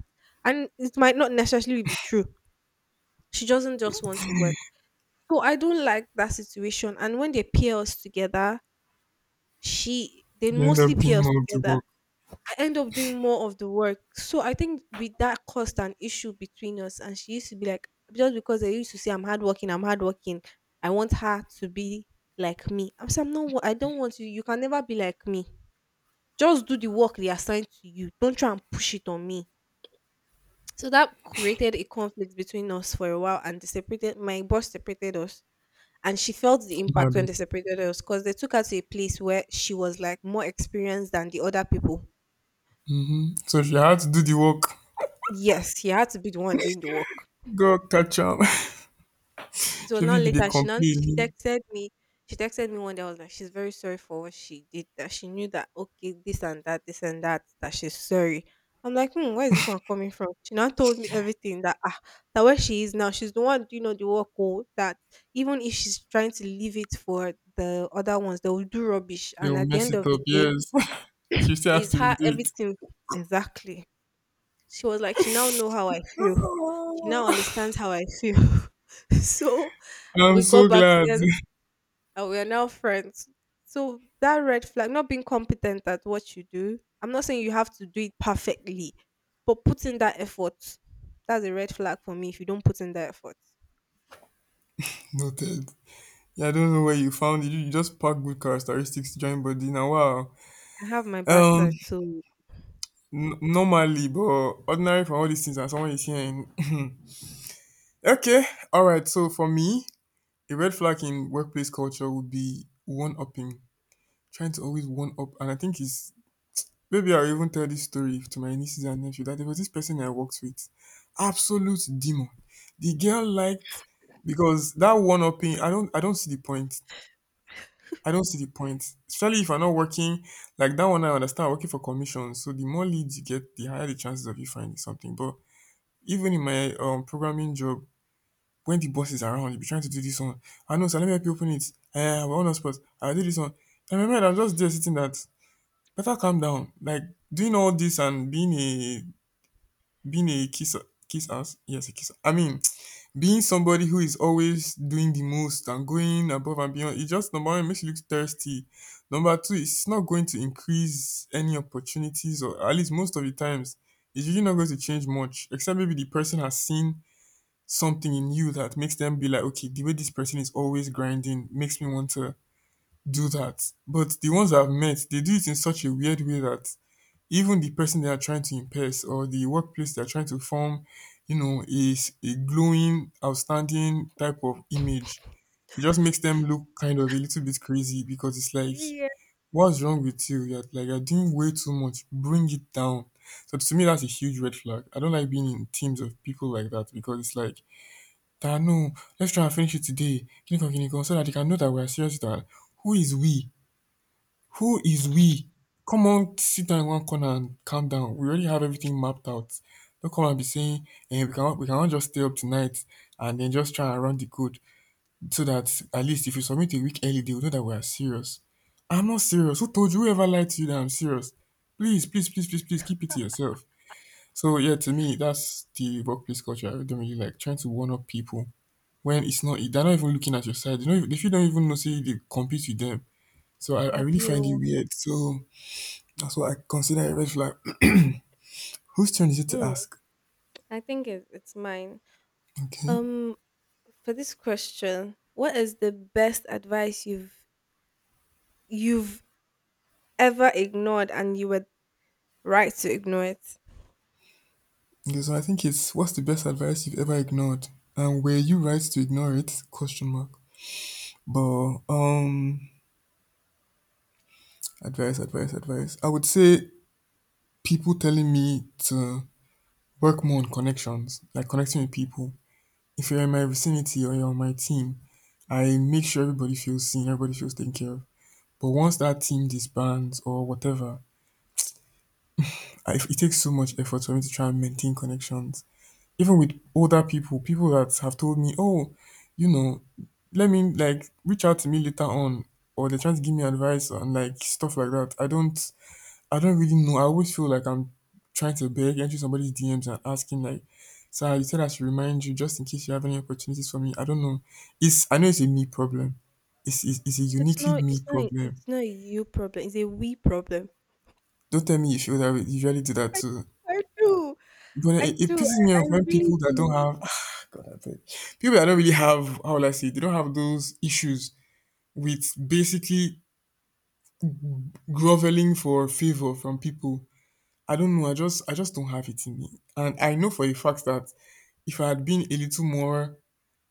Speaker 1: and it might not necessarily be true. She doesn't just want to work, so I don't like that situation. And when they pair us together, she they
Speaker 2: You end
Speaker 1: mostly
Speaker 2: up
Speaker 1: pair
Speaker 2: doing
Speaker 1: us
Speaker 2: more of the
Speaker 1: together.
Speaker 2: work.
Speaker 1: I end up doing more of the work. So I think with that caused an issue between us. And she used to be like, just because I used to say I'm hardworking, I'm hardworking. I want her to be like me. I'm not. I don't want you. You can never be like me. Just do the work they assigned to you. Don't try and push it on me. So that created a conflict between us for a while, and they separated. My boss separated us and she felt the impact
Speaker 2: Harder.
Speaker 1: when they separated us because they took her to a place where she was like more experienced than the other people.
Speaker 2: Mm-hmm. So, if you had to do the work,
Speaker 1: Yes, she had to be the one doing the work.
Speaker 2: go catch up. Am.
Speaker 1: It was
Speaker 2: Shebi
Speaker 1: not
Speaker 2: be dey
Speaker 1: later.
Speaker 2: complain,
Speaker 1: She texted me. She texted me one day. I was like, she's very sorry for what she did. That she knew that okay, this and that, this and that. That she's sorry. I'm like, hmm, where is this one coming from? She now told me everything that ah, that where she is now, she's the one doing all the work. Oh, that even if she's trying to leave it for the other ones, they will do rubbish.
Speaker 2: they
Speaker 1: And
Speaker 2: will
Speaker 1: at the
Speaker 2: mess
Speaker 1: end
Speaker 2: it
Speaker 1: of the
Speaker 2: up.
Speaker 1: day,
Speaker 2: Yes, she still has
Speaker 1: Is
Speaker 2: to
Speaker 1: her
Speaker 2: redo it.
Speaker 1: everything exactly. She was like, she now know how I feel. She now understands how I feel. So
Speaker 2: I'm
Speaker 1: we
Speaker 2: so
Speaker 1: got back
Speaker 2: glad.
Speaker 1: together and we are now friends. So that red flag, not being competent at what you do. I'm not saying you have to do it perfectly, but put in that effort. That's a red flag for me if you don't put in that effort.
Speaker 2: Noted. Yeah, I don't know where you found it. You just pack good characteristics to join body. Now, wow.
Speaker 1: I have my bad
Speaker 2: Um,
Speaker 1: side too.
Speaker 2: normally, but ordinary for all these things, and someone is hearing. Okay, all right. So for me, a red flag in workplace culture would be one upping, trying to always one up, and I think it's— maybe I'll even tell this story to my nieces and nephew that there was this person I worked with. Absolute demon. The girl liked because that one upping, I don't see the point. I don't see the point. Especially if I'm not working, like that one I understand I'm working for commission. So the more leads you get, the higher the chances of you finding something. But even in my programming job, when the boss is around, you'll be trying to do this one. I know, so let me help you open it. We're on a spot. I'll do this one. And my mind, I'm just there sitting that better calm down. Like doing all this and being a— being a kisser, kiss ass, yes, a kisser. I mean, being somebody who is always doing the most and going above and beyond, it just, number one, it makes you look thirsty. Number two, it's not going to increase any opportunities, or at least most of the times, it's usually not going to change much, except maybe the person has seen something in you that makes them be like, okay, the way this person is always grinding makes me want to do that. But the ones I've met, they do it in such a weird way that even the person they are trying to impress or the workplace they're trying to form, you know, is a glowing, outstanding type of image. It just makes them look kind of a little bit crazy because it's like,
Speaker 1: Yeah.
Speaker 2: what's wrong with you? You're like, you're doing way too much. Bring it down. So to me, that's a huge red flag. I don't like being in teams of people like that because it's like, "Ah, no, let's try and finish it today. Kiniko, kiniko, so that they can know that we're serious." That who is we? Who is we? Come on, sit down in one corner and calm down. We already have everything mapped out. Don't come and be saying, eh, we cannot just stay up tonight and then just try and run the code so that at least if you submit a week early, they will know that we are serious. I'm not serious. Who told you? Whoever lied to you that I'm serious? Please, please, please, please, please keep it to yourself. So yeah, to me, that's the workplace culture. I don't really like trying to one up people when it's not. They're not even looking at your side. You know, if you don't even know, say they compete with them. So I really find it
Speaker 1: Appeal.
Speaker 2: weird. So that's what I consider a red flag. Whose turn is it to
Speaker 1: Mm,
Speaker 2: ask?
Speaker 1: I think it's mine.
Speaker 2: Okay.
Speaker 1: Um, For this question, what is the best advice you've ever ignored and you were right to ignore it?
Speaker 2: Okay, so I think it's what's the best advice you've ever ignored? And were you right to ignore it? Question mark. But advice, advice, advice. I would say people telling me to work more on connections, like connecting with people. If you're in my vicinity or you're on my team, I make sure everybody feels seen, everybody feels taken care of. But once that team disbands or whatever, I, it takes so much effort for me to try and maintain connections. Even with older people, people that have told me, oh, you know, let me like reach out to me later on, or they're trying to give me advice and like stuff like that. I don't really know. I always feel like I'm trying to beg, enter somebody's DMs and asking like, sir, you said I should remind you just in case you have any opportunities for me. I don't know. I know it's a me problem. It's a
Speaker 1: It's
Speaker 2: uniquely
Speaker 1: not
Speaker 2: me
Speaker 1: it's not
Speaker 2: problem.
Speaker 1: it's not a you problem, it's a we problem.
Speaker 2: Don't tell me you feel that way. You usually do that
Speaker 1: I,
Speaker 2: too.
Speaker 1: I do.
Speaker 2: But
Speaker 1: I
Speaker 2: it
Speaker 1: do.
Speaker 2: pisses me
Speaker 1: I
Speaker 2: off when
Speaker 1: really
Speaker 2: people that don't
Speaker 1: do.
Speaker 2: have. God, I beg. People that don't really have, how will I say it, they don't have those issues with basically groveling for favor from people. I don't know. I just don't have it in me, and I know for a fact that if I had been a little more,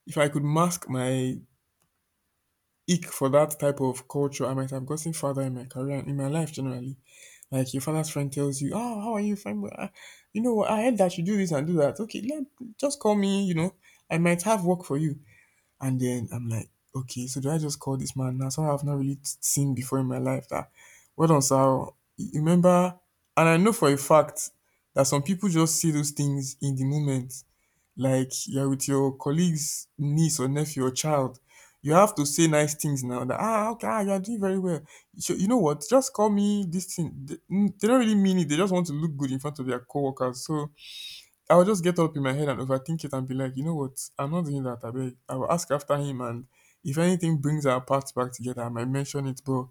Speaker 2: if I could mask my ick for that type of culture, I might have gotten further in my career and in my life generally. Like your father's friend tells you, "Oh, how are you, friend? Well, you know, what, I heard that you do this and do that. Okay, let just call me. You know, I might have work for you." And then I'm like, "Okay, so do I just call this man now? Someone I've not really seen before in my life. That well done, sir. You remember?" And I know for a fact that some people just see those things in the moment, like you're with your colleague's niece or nephew or child, you have to say nice things now that, ah, okay, ah, you're doing very well. So, you know what? Just call me this thing. They don't really mean it. They just want to look good in front of their coworkers. So I'll just get up in my head and overthink it and be like, you know what? I'm not doing that. I beg. I will ask after him. And if anything brings our paths back together, I might mention it. But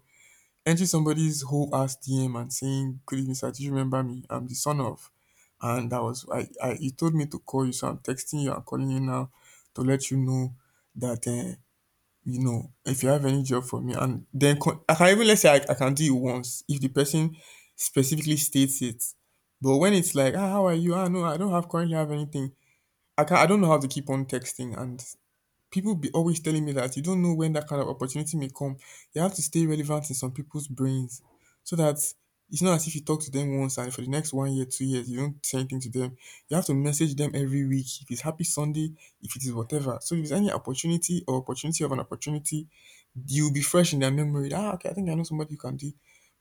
Speaker 2: entering somebody's whole ass DM and saying, "Good evening, sir. Do you remember me? I'm the son of," and that was, he told me to call you, so I'm texting you. I'm calling you now to let you know that, if you have any job for me, and then con- I can even let's say I can do it once if the person specifically states it. But when it's like, ah, how are you? Ah, no, I don't have currently have anything. I can not I don't know how to keep on texting, and people be always telling me that you don't know when that kind of opportunity may come. You have to stay relevant in some people's brains so that it's not as if you talk to them once and for the next 1 year, 2 years, you don't say anything to them. You have to message them every week. If it's happy Sunday, if it is whatever. So if there's any opportunity or opportunity of an opportunity, you'll be fresh in their memory. Ah, okay, I think I know somebody who can do it."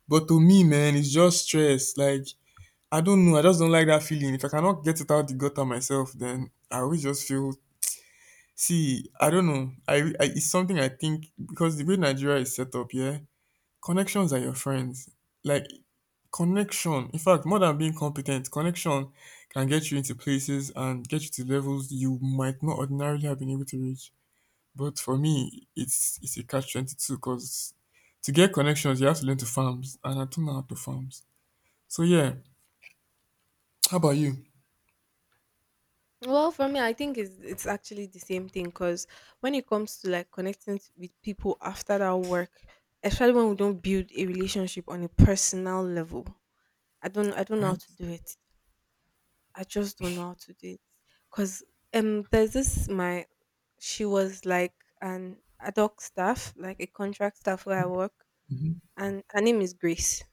Speaker 2: But to me, man, it's just stress. Like, I don't know. I just don't like that feeling. If I cannot get it out the gutter myself, then I always just feel. See, I don't know. I it's something I think, because the way Nigeria is set up, yeah, connections are your friends. Like, connection, in fact, more than being competent, connection can get you into places and get you to levels you might not ordinarily have been able to reach. But for me, it's a catch 22, because to get connections, you have to learn to farms, and I don't know how to farms. So yeah, how about you?
Speaker 1: Well, for me, I think it's actually the same thing because when it comes to like connecting with people after that work, especially when we don't build a relationship on a personal level, I don't know how
Speaker 2: Right?
Speaker 1: to do it. I just don't know how to do it. Cause there's this my she was like an ad hoc staff, like a contract staff where I work,
Speaker 2: Mm-hmm.
Speaker 1: and her name is Grace.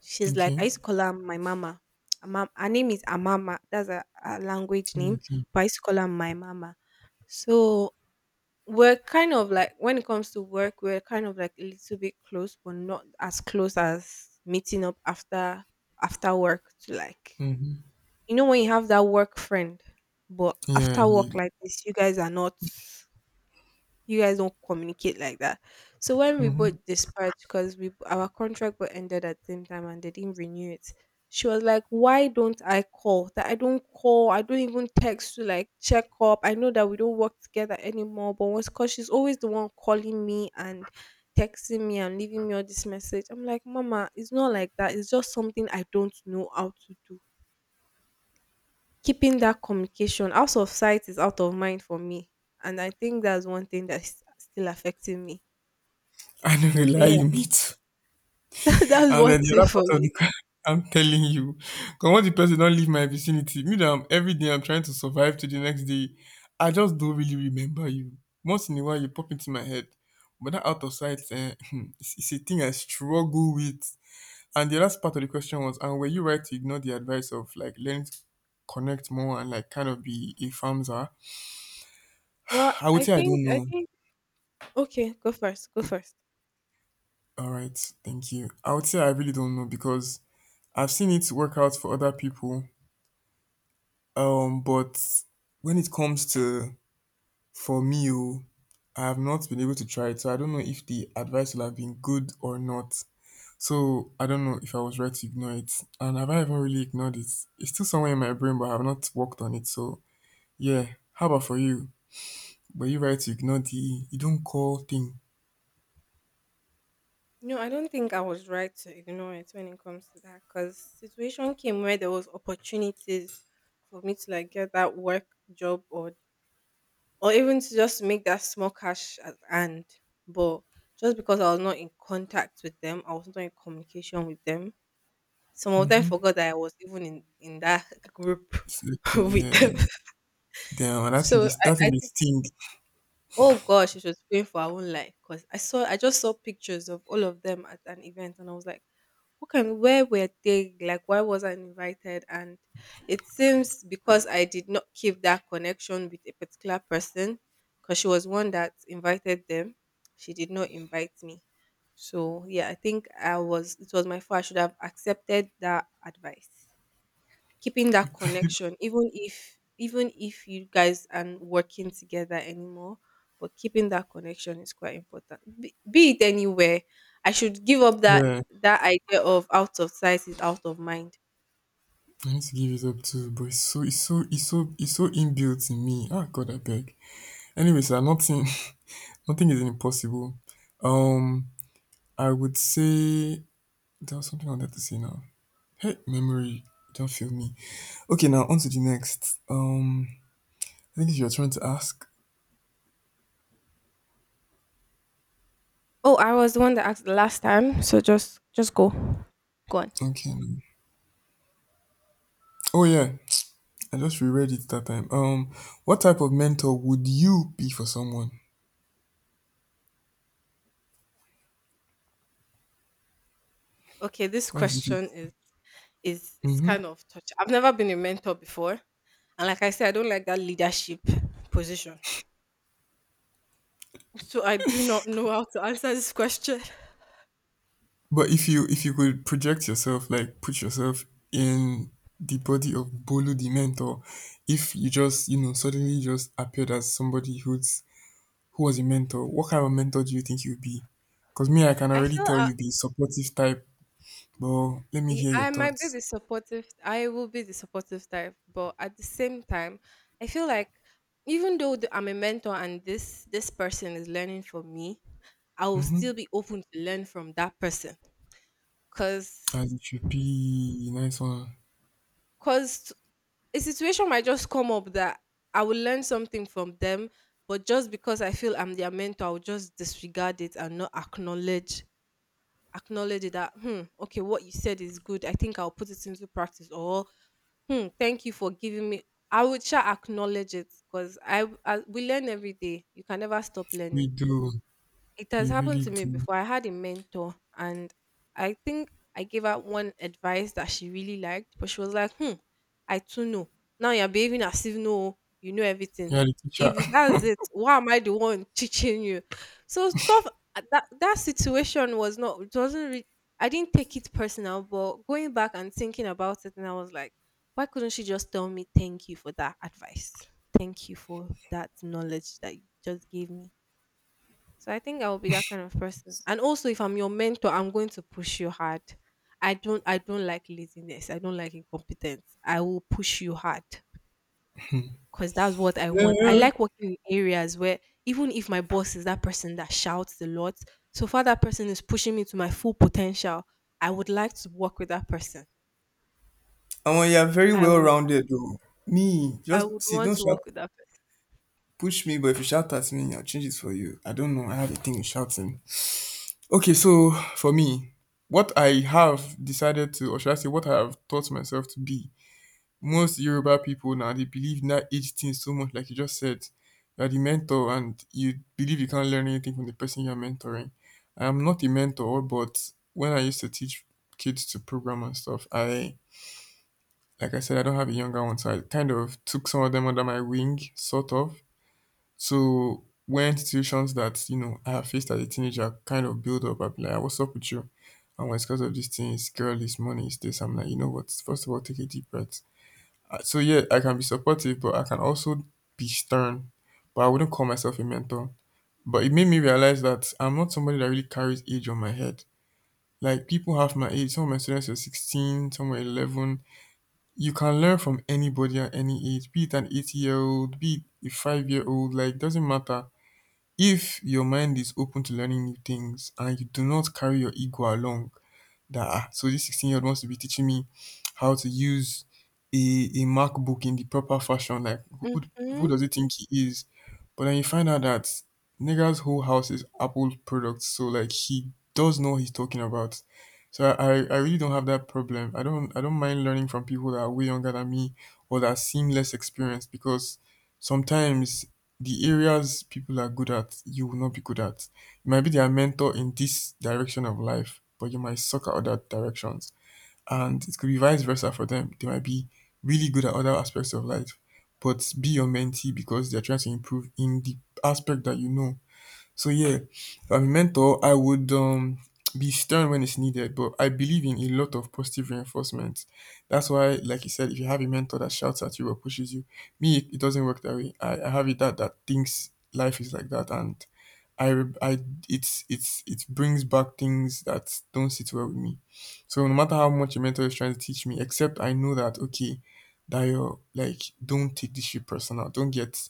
Speaker 1: She's like
Speaker 2: Okay.
Speaker 1: I used to call her my mama. Her name is Amama. That's a language name,
Speaker 2: Okay.
Speaker 1: but I used to call her my mama. So we're kind of like when it comes to work, we're kind of like a little bit close, but not as close as meeting up after work to like,
Speaker 2: Mm-hmm.
Speaker 1: you know, when you have that work friend, but
Speaker 2: Yeah.
Speaker 1: after work
Speaker 2: Like,
Speaker 1: like this, you guys are not you guys don't communicate like that. So when we
Speaker 2: mm-hmm.
Speaker 1: both dispatched because we our contract but ended at the same time and they didn't renew it. She was like, why don't I call? That I don't call, I don't even text to like check up. I know that we don't work together anymore, but once cause she's always the one calling me and texting me and leaving me all this message. I'm like, Mama, it's not like that. It's just something I don't know how to do. Keeping that communication, out of sight is out of mind for me, and I think that's one thing that's still affecting me.
Speaker 2: I know,
Speaker 1: So
Speaker 2: lie,
Speaker 1: yeah,
Speaker 2: you meet.
Speaker 1: that's
Speaker 2: And then
Speaker 1: what's
Speaker 2: the
Speaker 1: it
Speaker 2: other
Speaker 1: for
Speaker 2: part of
Speaker 1: me.
Speaker 2: the car, I'm telling you, come on, the person don't leave my vicinity. Me, that I'm every day I'm trying to survive to the next day. I just don't really remember you. Once in a while, you pop into my head, but that out of sight, eh, it's a thing I struggle with. And the last part of the question was, and were you right to ignore the advice of like learning to connect more and like kind of be a famza?
Speaker 1: Well,
Speaker 2: I would
Speaker 1: I
Speaker 2: say I
Speaker 1: think
Speaker 2: don't
Speaker 1: I
Speaker 2: know.
Speaker 1: think okay, go first. Go first.
Speaker 2: All right, thank you. I would say I really don't know, because I've seen it work out for other people. But when it comes to, for me, oh, I have not been able to try it, so I don't know if the advice will have been good or not. So I don't know if I was right to ignore it, and have I even really ignored it? It's still somewhere in my brain, but I have not worked on it. So yeah, how about for you? Were you right to ignore the you don't call thing?
Speaker 1: No, I don't think I was right to ignore it when it comes to that because situation came where there was opportunities for me to like get that work job or even to just make that small cash at hand. But just because I was not in contact with them, I was not in communication with them, some of them forgot that I was even in that group
Speaker 2: Selector,
Speaker 1: with
Speaker 2: yeah.
Speaker 1: them.
Speaker 2: Damn, that's in
Speaker 1: So
Speaker 2: this
Speaker 1: I, I think,
Speaker 2: thing.
Speaker 1: oh gosh, she was praying for her own life because I saw, I just saw pictures of all of them at an event, and I was like, what can, where were they? Like, why was I invited? And it seems because I did not keep that connection with a particular person, because she was one that invited them, she did not invite me. So yeah, I think I was. It was my fault. I should have accepted that advice. Keeping that connection, even if you guys aren't working together anymore but keeping that connection is quite important, be it anywhere. I should give up that
Speaker 2: Yeah.
Speaker 1: that idea of out of sight is out of mind.
Speaker 2: I need to give it up too, but it's so inbuilt in me. Ah, God, I beg. Anyways, I'm not saying nothing is impossible. Um, I would say there was something I wanted to say now. Hey, memory, don't fail me. Okay, now on to the next. I think you're trying to ask.
Speaker 1: Oh, I was the one that asked the last time, so just go. Go on.
Speaker 2: Okay. Oh yeah, I just reread it that time. What type of mentor would you be for someone?
Speaker 1: Okay, this
Speaker 2: Because if you,
Speaker 1: question is is
Speaker 2: mm-hmm.
Speaker 1: kind of touch. I've never been a mentor before, and like I said, I don't like that leadership position. So I do not know how to answer this question.
Speaker 2: But if you could project yourself, like put yourself in the body of Bolu the mentor, if you just suddenly just appeared as somebody who's— who was your mentor? What kind of a mentor do you think you'll be? Because me, I can
Speaker 1: I
Speaker 2: already
Speaker 1: feel
Speaker 2: tell you'll be supportive type, but let me hear your
Speaker 1: I might be
Speaker 2: thoughts.
Speaker 1: the supportive. I will be the supportive type, but at the same time, I feel like even though I'm a mentor and this person is learning from me, I will
Speaker 2: Mm-hmm.
Speaker 1: still be open to learn from that person. Cause,
Speaker 2: As it should be. Nice one.
Speaker 1: cause a situation might just come up that I will learn something from them, but just because I feel I'm their mentor, I'll just disregard it and not acknowledge it that hmm, okay, what you said is good, I think I'll put it into practice. Or hmm, thank you for giving me. I would sure acknowledge it because I we learn every day. You can never stop
Speaker 2: We
Speaker 1: learning.
Speaker 2: do.
Speaker 1: It has
Speaker 2: We
Speaker 1: happened
Speaker 2: really
Speaker 1: to me
Speaker 2: do.
Speaker 1: before. I had a mentor, and I think I gave her one advice that she really liked, but she was like, hmm, I too know. Now you're behaving as if no, you know everything.
Speaker 2: You're the teacher.
Speaker 1: If that's it, why am I the one teaching you? So stuff that situation was not it wasn't I didn't take it personal, but going back and thinking about it, and I was like, why couldn't she just tell me thank you for that advice? Thank you for that knowledge that you just gave me. So I think I will be that kind of person. And also if I'm your mentor, I'm going to push you hard. I don't like laziness. I don't like incompetence. I will push you hard because that's what I want. I
Speaker 2: Yeah.
Speaker 1: like working in areas where even if my boss is that person that shouts a lot, so far that person is pushing me to my full potential, I would like to work with that person.
Speaker 2: Omo, you're very
Speaker 1: I
Speaker 2: well
Speaker 1: would
Speaker 2: rounded though. Me,
Speaker 1: I
Speaker 2: just
Speaker 1: would
Speaker 2: see,
Speaker 1: want
Speaker 2: don't
Speaker 1: to
Speaker 2: shout.
Speaker 1: work with that
Speaker 2: Push me, but if you shout at me, I'll change it for you. I don't know. I have a thing with shouting. Okay, so for me, what I have decided to, or should I say, what I have taught myself to be— most Yoruba people now, they believe in that age thing so much, like you just said. You are the mentor and you believe you can't learn anything from the person you're mentoring. I am not a mentor, but when I used to teach kids to program and stuff, I like I said, I don't have a younger one, so I kind of took some of them under my wing, sort of. So when situations that, I have faced as a teenager kind of build up, I'll be like, "Ah, what's up with you? And when it's because of these things, girl, it's money, it's this." I'm like, you know what? First of all, take a deep breath. So yeah, I can be supportive, but I can also be stern. But I wouldn't call myself a mentor. But it made me realize that I'm not somebody that really carries age on my head. Like, people half my age, some of my students were 16, some were 11. You can learn from anybody at any age, be it an 80-year-old, be it a 5 year old, like, doesn't matter. If your mind is open to learning new things and you do not carry your ego along, that ah, so this 16-year-old wants to be teaching me how to use a MacBook in the proper fashion. Like, who, who
Speaker 1: person.
Speaker 2: who
Speaker 1: Mhm.
Speaker 2: does he think he is? But then you find out that nigga's whole house is Apple products, so like, he does know what he's talking about. So I really don't have that problem. I don't mind learning from people that are way younger than me or that seem less experienced, because sometimes the areas people are good at, you will not be good at. You might be their mentor in this direction of life, but you might suck at other directions, and it could be vice versa for them. They might be really good at other aspects of life, but be your mentee because they're trying to improve in the aspect that you know. So yeah, if I'm a mentor, I would be stern when it's needed, but I believe in a lot of positive reinforcement. That's why, like you said, if you have a mentor that shouts at you or pushes you, me, it doesn't work that way. I have it that thinks life is like that and I, re- I it brings back things that don't sit well with me. So no matter how much a mentor is trying to teach me, except I know that, okay, Dayo, like, don't take this shit personal.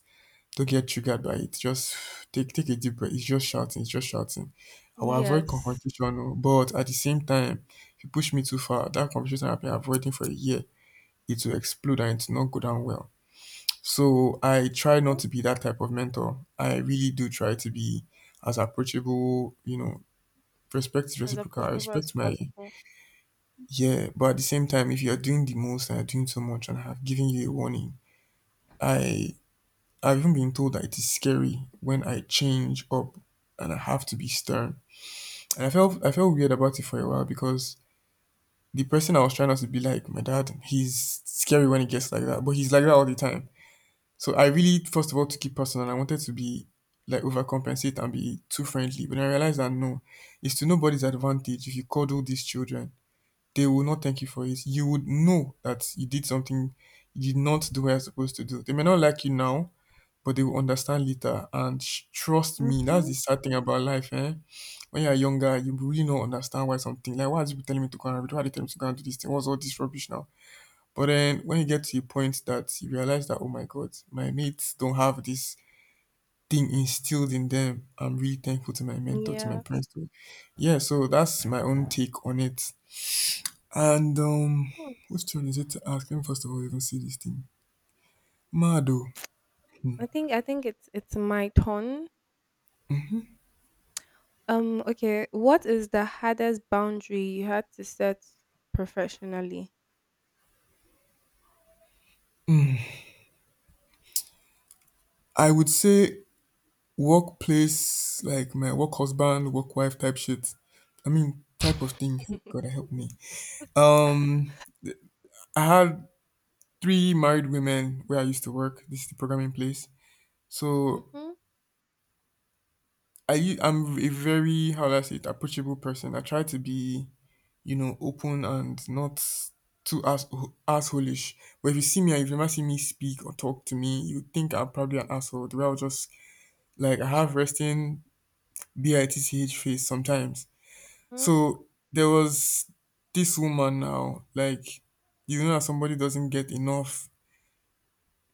Speaker 2: Don't get triggered by it. Just take a deep breath. It's just shouting. It's just shouting. I will avoid
Speaker 1: Yes.
Speaker 2: confrontation, oh, but at the same time, if you push me too far, that confrontation I've been avoiding for a year, it will explode and it will not go down well. So I try not to be that type of mentor. I really do try to be as approachable, respect is
Speaker 1: As
Speaker 2: reciprocal. I
Speaker 1: approachable as
Speaker 2: respect my,
Speaker 1: possible.
Speaker 2: yeah. But at the same time, if you are doing the most and you're doing so much and I have given you a warning, I, I've even been told that it is scary when I change up and I have to be stern. And I felt weird about it for a while because the person I was trying not to be like, my dad, he's scary when he gets like that, but he's like that all the time. So I really, first of all, took it personal. I wanted to be like overcompensate and be too friendly. But I realized that, no, it's to nobody's advantage if you cuddle these children. They will not thank you for it. You would know that you did not do what you're supposed to do. They may not like you now, but they will understand later. Trust me, that's
Speaker 1: Mm-hmm.
Speaker 2: the sad thing about life, eh? When you're younger, you really don't understand, why something, like, why are these people telling me to go and read? Why are they telling me to go and do this thing? What's all this rubbish now? But then when you get to a point that you realize that, oh my God, my mates don't have this thing instilled in them, I'm really thankful to my mentor, to my
Speaker 1: Yeah.
Speaker 2: parents. Too. Yeah, so that's my own take on it. And which turn is it to ask? Let me first of all even see this thing. Mado,
Speaker 1: I think it's my turn. Okay, what is the hardest boundary you had to set professionally?
Speaker 2: I would say workplace, like my work husband, work wife type shit. I mean, type of thing. God, help me. Um, I had three married women where I used to work. This is the programming place. So
Speaker 1: Mhm.
Speaker 2: I'm a very, how do I say it, approachable person. I try to be, you know, open and not too ass assholish. But if you see me and if you never see me speak or talk to me, you think I'm probably an asshole. The way I'll just, like, I have resting bitch face sometimes.
Speaker 1: Mhm.
Speaker 2: So there was this woman now, like, you know that somebody doesn't get enough,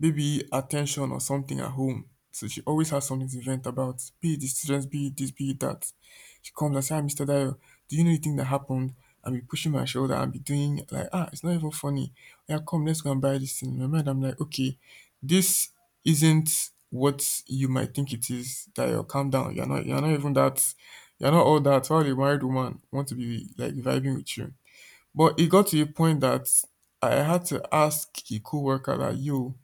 Speaker 2: maybe, attention or something at home. So she always has something to vent about, be it the students, be it this, be it that. She comes and says, "Ah, Mr. Dayo, do you know the thing that happened? And be pushing my shoulder and be doing like, ah, it's not even funny. Yeah, come, let's go and buy this thing." In my mind, I'm like, okay, this isn't what you might think it is, Dayo. Calm down. You're not even that, you're not all that. All the married woman want to be like vibing with you? But it got to a point that I had to ask a co-worker that, yo,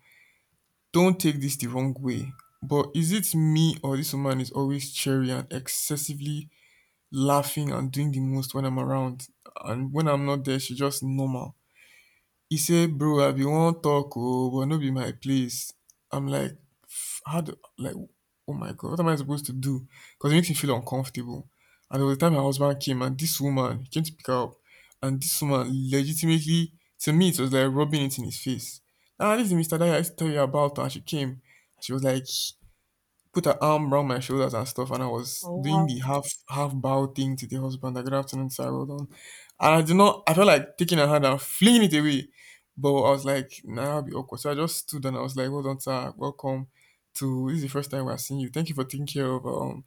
Speaker 2: don't take this the wrong way, but is it me, or this woman is always cheery and excessively laughing and doing the most when I'm around? And when I'm not there, she's just normal. He say, bro, I bin wan talk ooo but no be my place. I'm like, how do, like, oh my God, what am I supposed to do, because it makes me feel uncomfortable. And there was a time my husband came and this woman came to pick her up, and this woman legitimately, to me it was like rubbing it in his face. Ah, this is Mr. Daya I used to tell you about. And she came, she was like, put her arm around my shoulders and stuff, and I was
Speaker 1: Oh,
Speaker 2: doing
Speaker 1: wow.
Speaker 2: the half bow thing to the husband. Like, good afternoon, sir, well done. And I did not. I felt like taking her hand and flinging it away, but I was like, nah, that'll be awkward. So I just stood and I was like, well done, sir, welcome, to this is the first time we're seeing you. Thank you for taking care of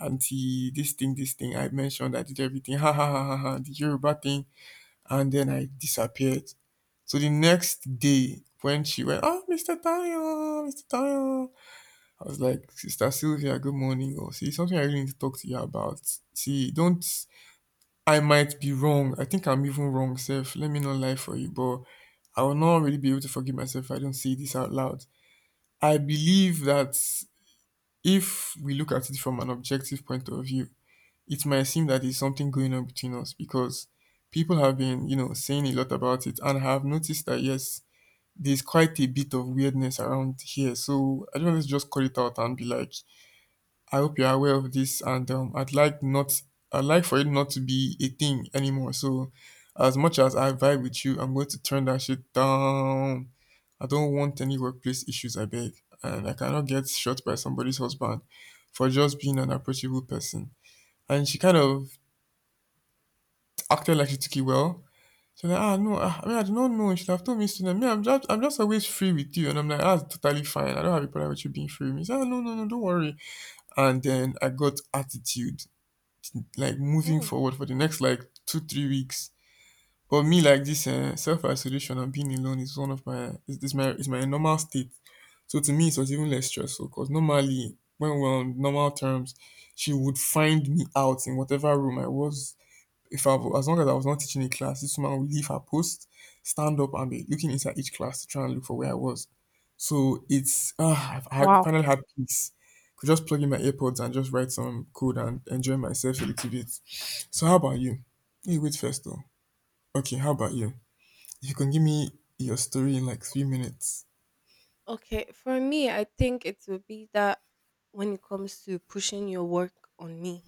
Speaker 2: auntie, this thing I mentioned. I did everything. Ha ha ha ha ha. The Yoruba thing, and then I disappeared. So the next day, when she went, oh, Mr. Tayo, Mr. Tayo, I was like, Sister Sylvia, good morning. Or, see, something I really need to talk to you about. See, don't, I might be wrong. I think I'm even wrong, Seth. Let me not lie for you, but I will not really be able to forgive myself if I don't say this out loud. I believe that if we look at it from an objective point of view, it might seem that there's something going on between us, because people have been, you know, saying a lot about it, and I have noticed that, yes, there's quite a bit of weirdness around here. So I don't want to just call it out and be like, I hope you're aware of this, and I'd like not, I'd like for it not to be a thing anymore. So, as much as I vibe with you, I'm going to turn that shit down. I don't want any workplace issues. I beg, and I cannot get shot by somebody's husband for just being an approachable person. And she kind of acted like she took it well. She's like, ah, no, ah, I mean, I do not know. You should have told me sooner. Me, I'm just always free with you. And I'm like, that's totally fine. I don't have a problem with you being free with me. She's like, "Ah, no, no, no, don't worry." And then I got attitude, like, moving
Speaker 1: Mhm.
Speaker 2: forward for the next, like, 2 3 weeks. But me, like, this self-isolation and being alone is one of my is my normal state. So to me it was even less stressful, because normally when we're on normal terms she would find me out in whatever room I was. If I, As long as I was not teaching a class, this woman would leave her post, stand up, and be looking inside each class to try and look for where I was. So it's, ah, I had,
Speaker 1: Wow.
Speaker 2: finally had peace. Could just plug in my AirPods and just write some code and enjoy myself a little bit. So how about you? Hey, wait first though. Okay, how about you? If you can give me your story in like 3 minutes.
Speaker 1: Okay, for me, I think it would be that when it comes to pushing your work on me.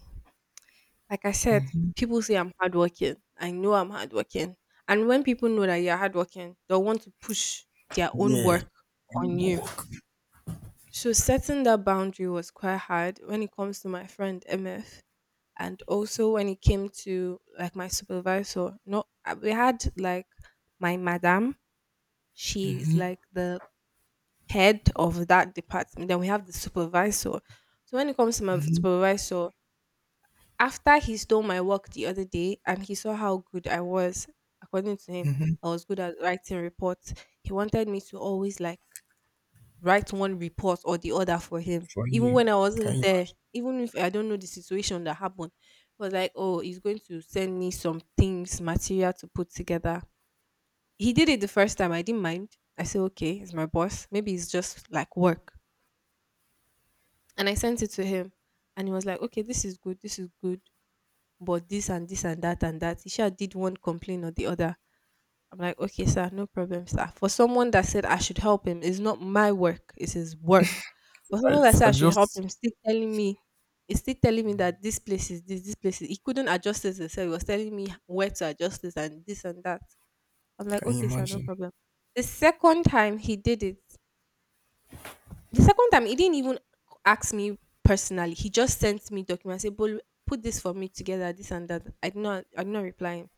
Speaker 1: Like I said,
Speaker 2: Hmm.
Speaker 1: people say I'm hardworking. I know I'm hardworking. And when people know that you're hardworking, they'll want to push their own
Speaker 2: Yeah,
Speaker 1: work on
Speaker 2: more
Speaker 1: you.
Speaker 2: work
Speaker 1: So setting that boundary was quite hard when it comes to my friend MF, and also when it came to like my supervisor. No we had like my madam, she's like the head of that department, then we have the supervisor. So when it comes to my supervisor, after he stole my work the other day and he saw how good I was, according to him, I was good at writing reports. He wanted me to always like write one report or the other for him.
Speaker 2: for
Speaker 1: Even
Speaker 2: you.
Speaker 1: when I
Speaker 2: Can you
Speaker 1: wasn't there,
Speaker 2: imagine?
Speaker 1: even if I don't know the situation that happened, it was like, oh, he's going to send me some things, material to put together. He did it the first time. I didn't mind. I said, okay, it's my boss. Maybe it's just like work. And I sent it to him. And he was like, okay, this is good. This is good. But this and this and that and that. He sure did one complaint or the other. I'm like, okay, sir, no problem, sir. For someone that said I should help him, it's not my work, it's his work. For someone that
Speaker 2: Right,
Speaker 1: said
Speaker 2: I
Speaker 1: I should help
Speaker 2: just,
Speaker 1: him, still telling me, it's still telling me that this place is this, this place is. He couldn't adjust this himself. He was telling me where to adjust this and this and that. I'm like,
Speaker 2: can you
Speaker 1: okay, sir, no
Speaker 2: imagine?
Speaker 1: problem. The second time he did it, the second time he didn't even ask me personally. He just sent me documents. Say, "Bolu, put this for me together, this and that." I did not reply him.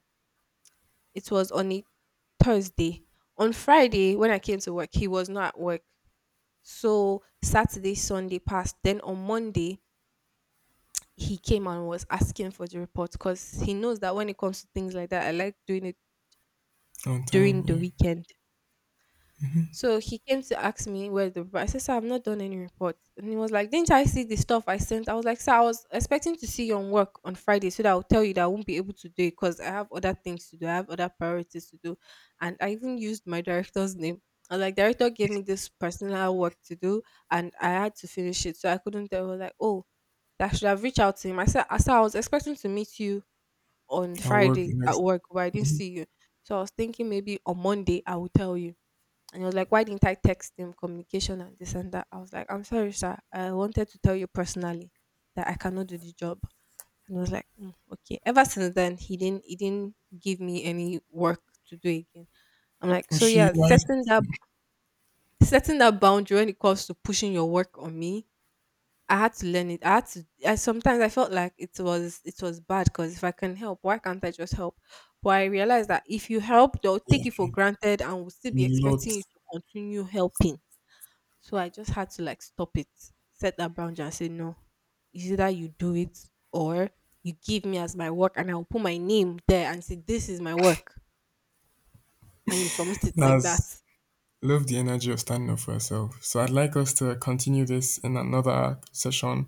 Speaker 1: It was on a Thursday. On Friday, when I came to work, he was not at work. So Saturday, Sunday passed. Then on Monday, he came and was asking for the report because he knows that when it comes to things like that, I like doing it
Speaker 2: On
Speaker 1: during
Speaker 2: time,
Speaker 1: the
Speaker 2: yeah.
Speaker 1: weekend. So he came to ask me where the report. I said, sir, I've not done any report. And he was like, didn't I see the stuff I sent? I was like, sir, I was expecting to see you on work on Friday so that I'll tell you that I won't be able to do it because I have other things to do. I have other priorities to do. And I even used my director's name. I was like, director gave me this personal work to do and I had to finish it. So I couldn't tell. I was like, oh, that should have reached out to him. I said, "Ah, sir, I was expecting to meet you on
Speaker 2: I'll work the
Speaker 1: Friday at
Speaker 2: next,
Speaker 1: work, but I didn't see you. So I was thinking maybe on Monday I will tell you." And he was like, why didn't I text him communication and this and that? I was like, I'm sorry, sir, I wanted to tell you personally that I cannot do the job. And I was like, "Mm, okay." Ever since then, he didn't give me any work to do again. I'm like,
Speaker 2: well,
Speaker 1: so
Speaker 2: she
Speaker 1: yeah,
Speaker 2: wise,
Speaker 1: setting that boundary when it comes to pushing your work on me, I had to learn it. I had to. I sometimes I felt like it was bad because if I can help, why can't I just help? But I realized that if you help, they'll take it
Speaker 2: yeah,
Speaker 1: for granted and will still
Speaker 2: a
Speaker 1: be
Speaker 2: lot
Speaker 1: expecting you to continue helping. So I just had to like stop it, set that boundary and say, no, it's either you do it or you give me as my work and I'll put my name there and say, this is my work. And you submit it like
Speaker 2: has,
Speaker 1: that.
Speaker 2: love the energy of standing up for herself. So I'd like us to continue this in another session.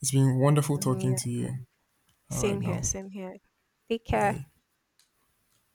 Speaker 2: It's been wonderful
Speaker 1: Mm,
Speaker 2: talking
Speaker 1: yeah.
Speaker 2: to you. All right
Speaker 1: Same
Speaker 2: now.
Speaker 1: here. Same here. Take care.
Speaker 2: Bye.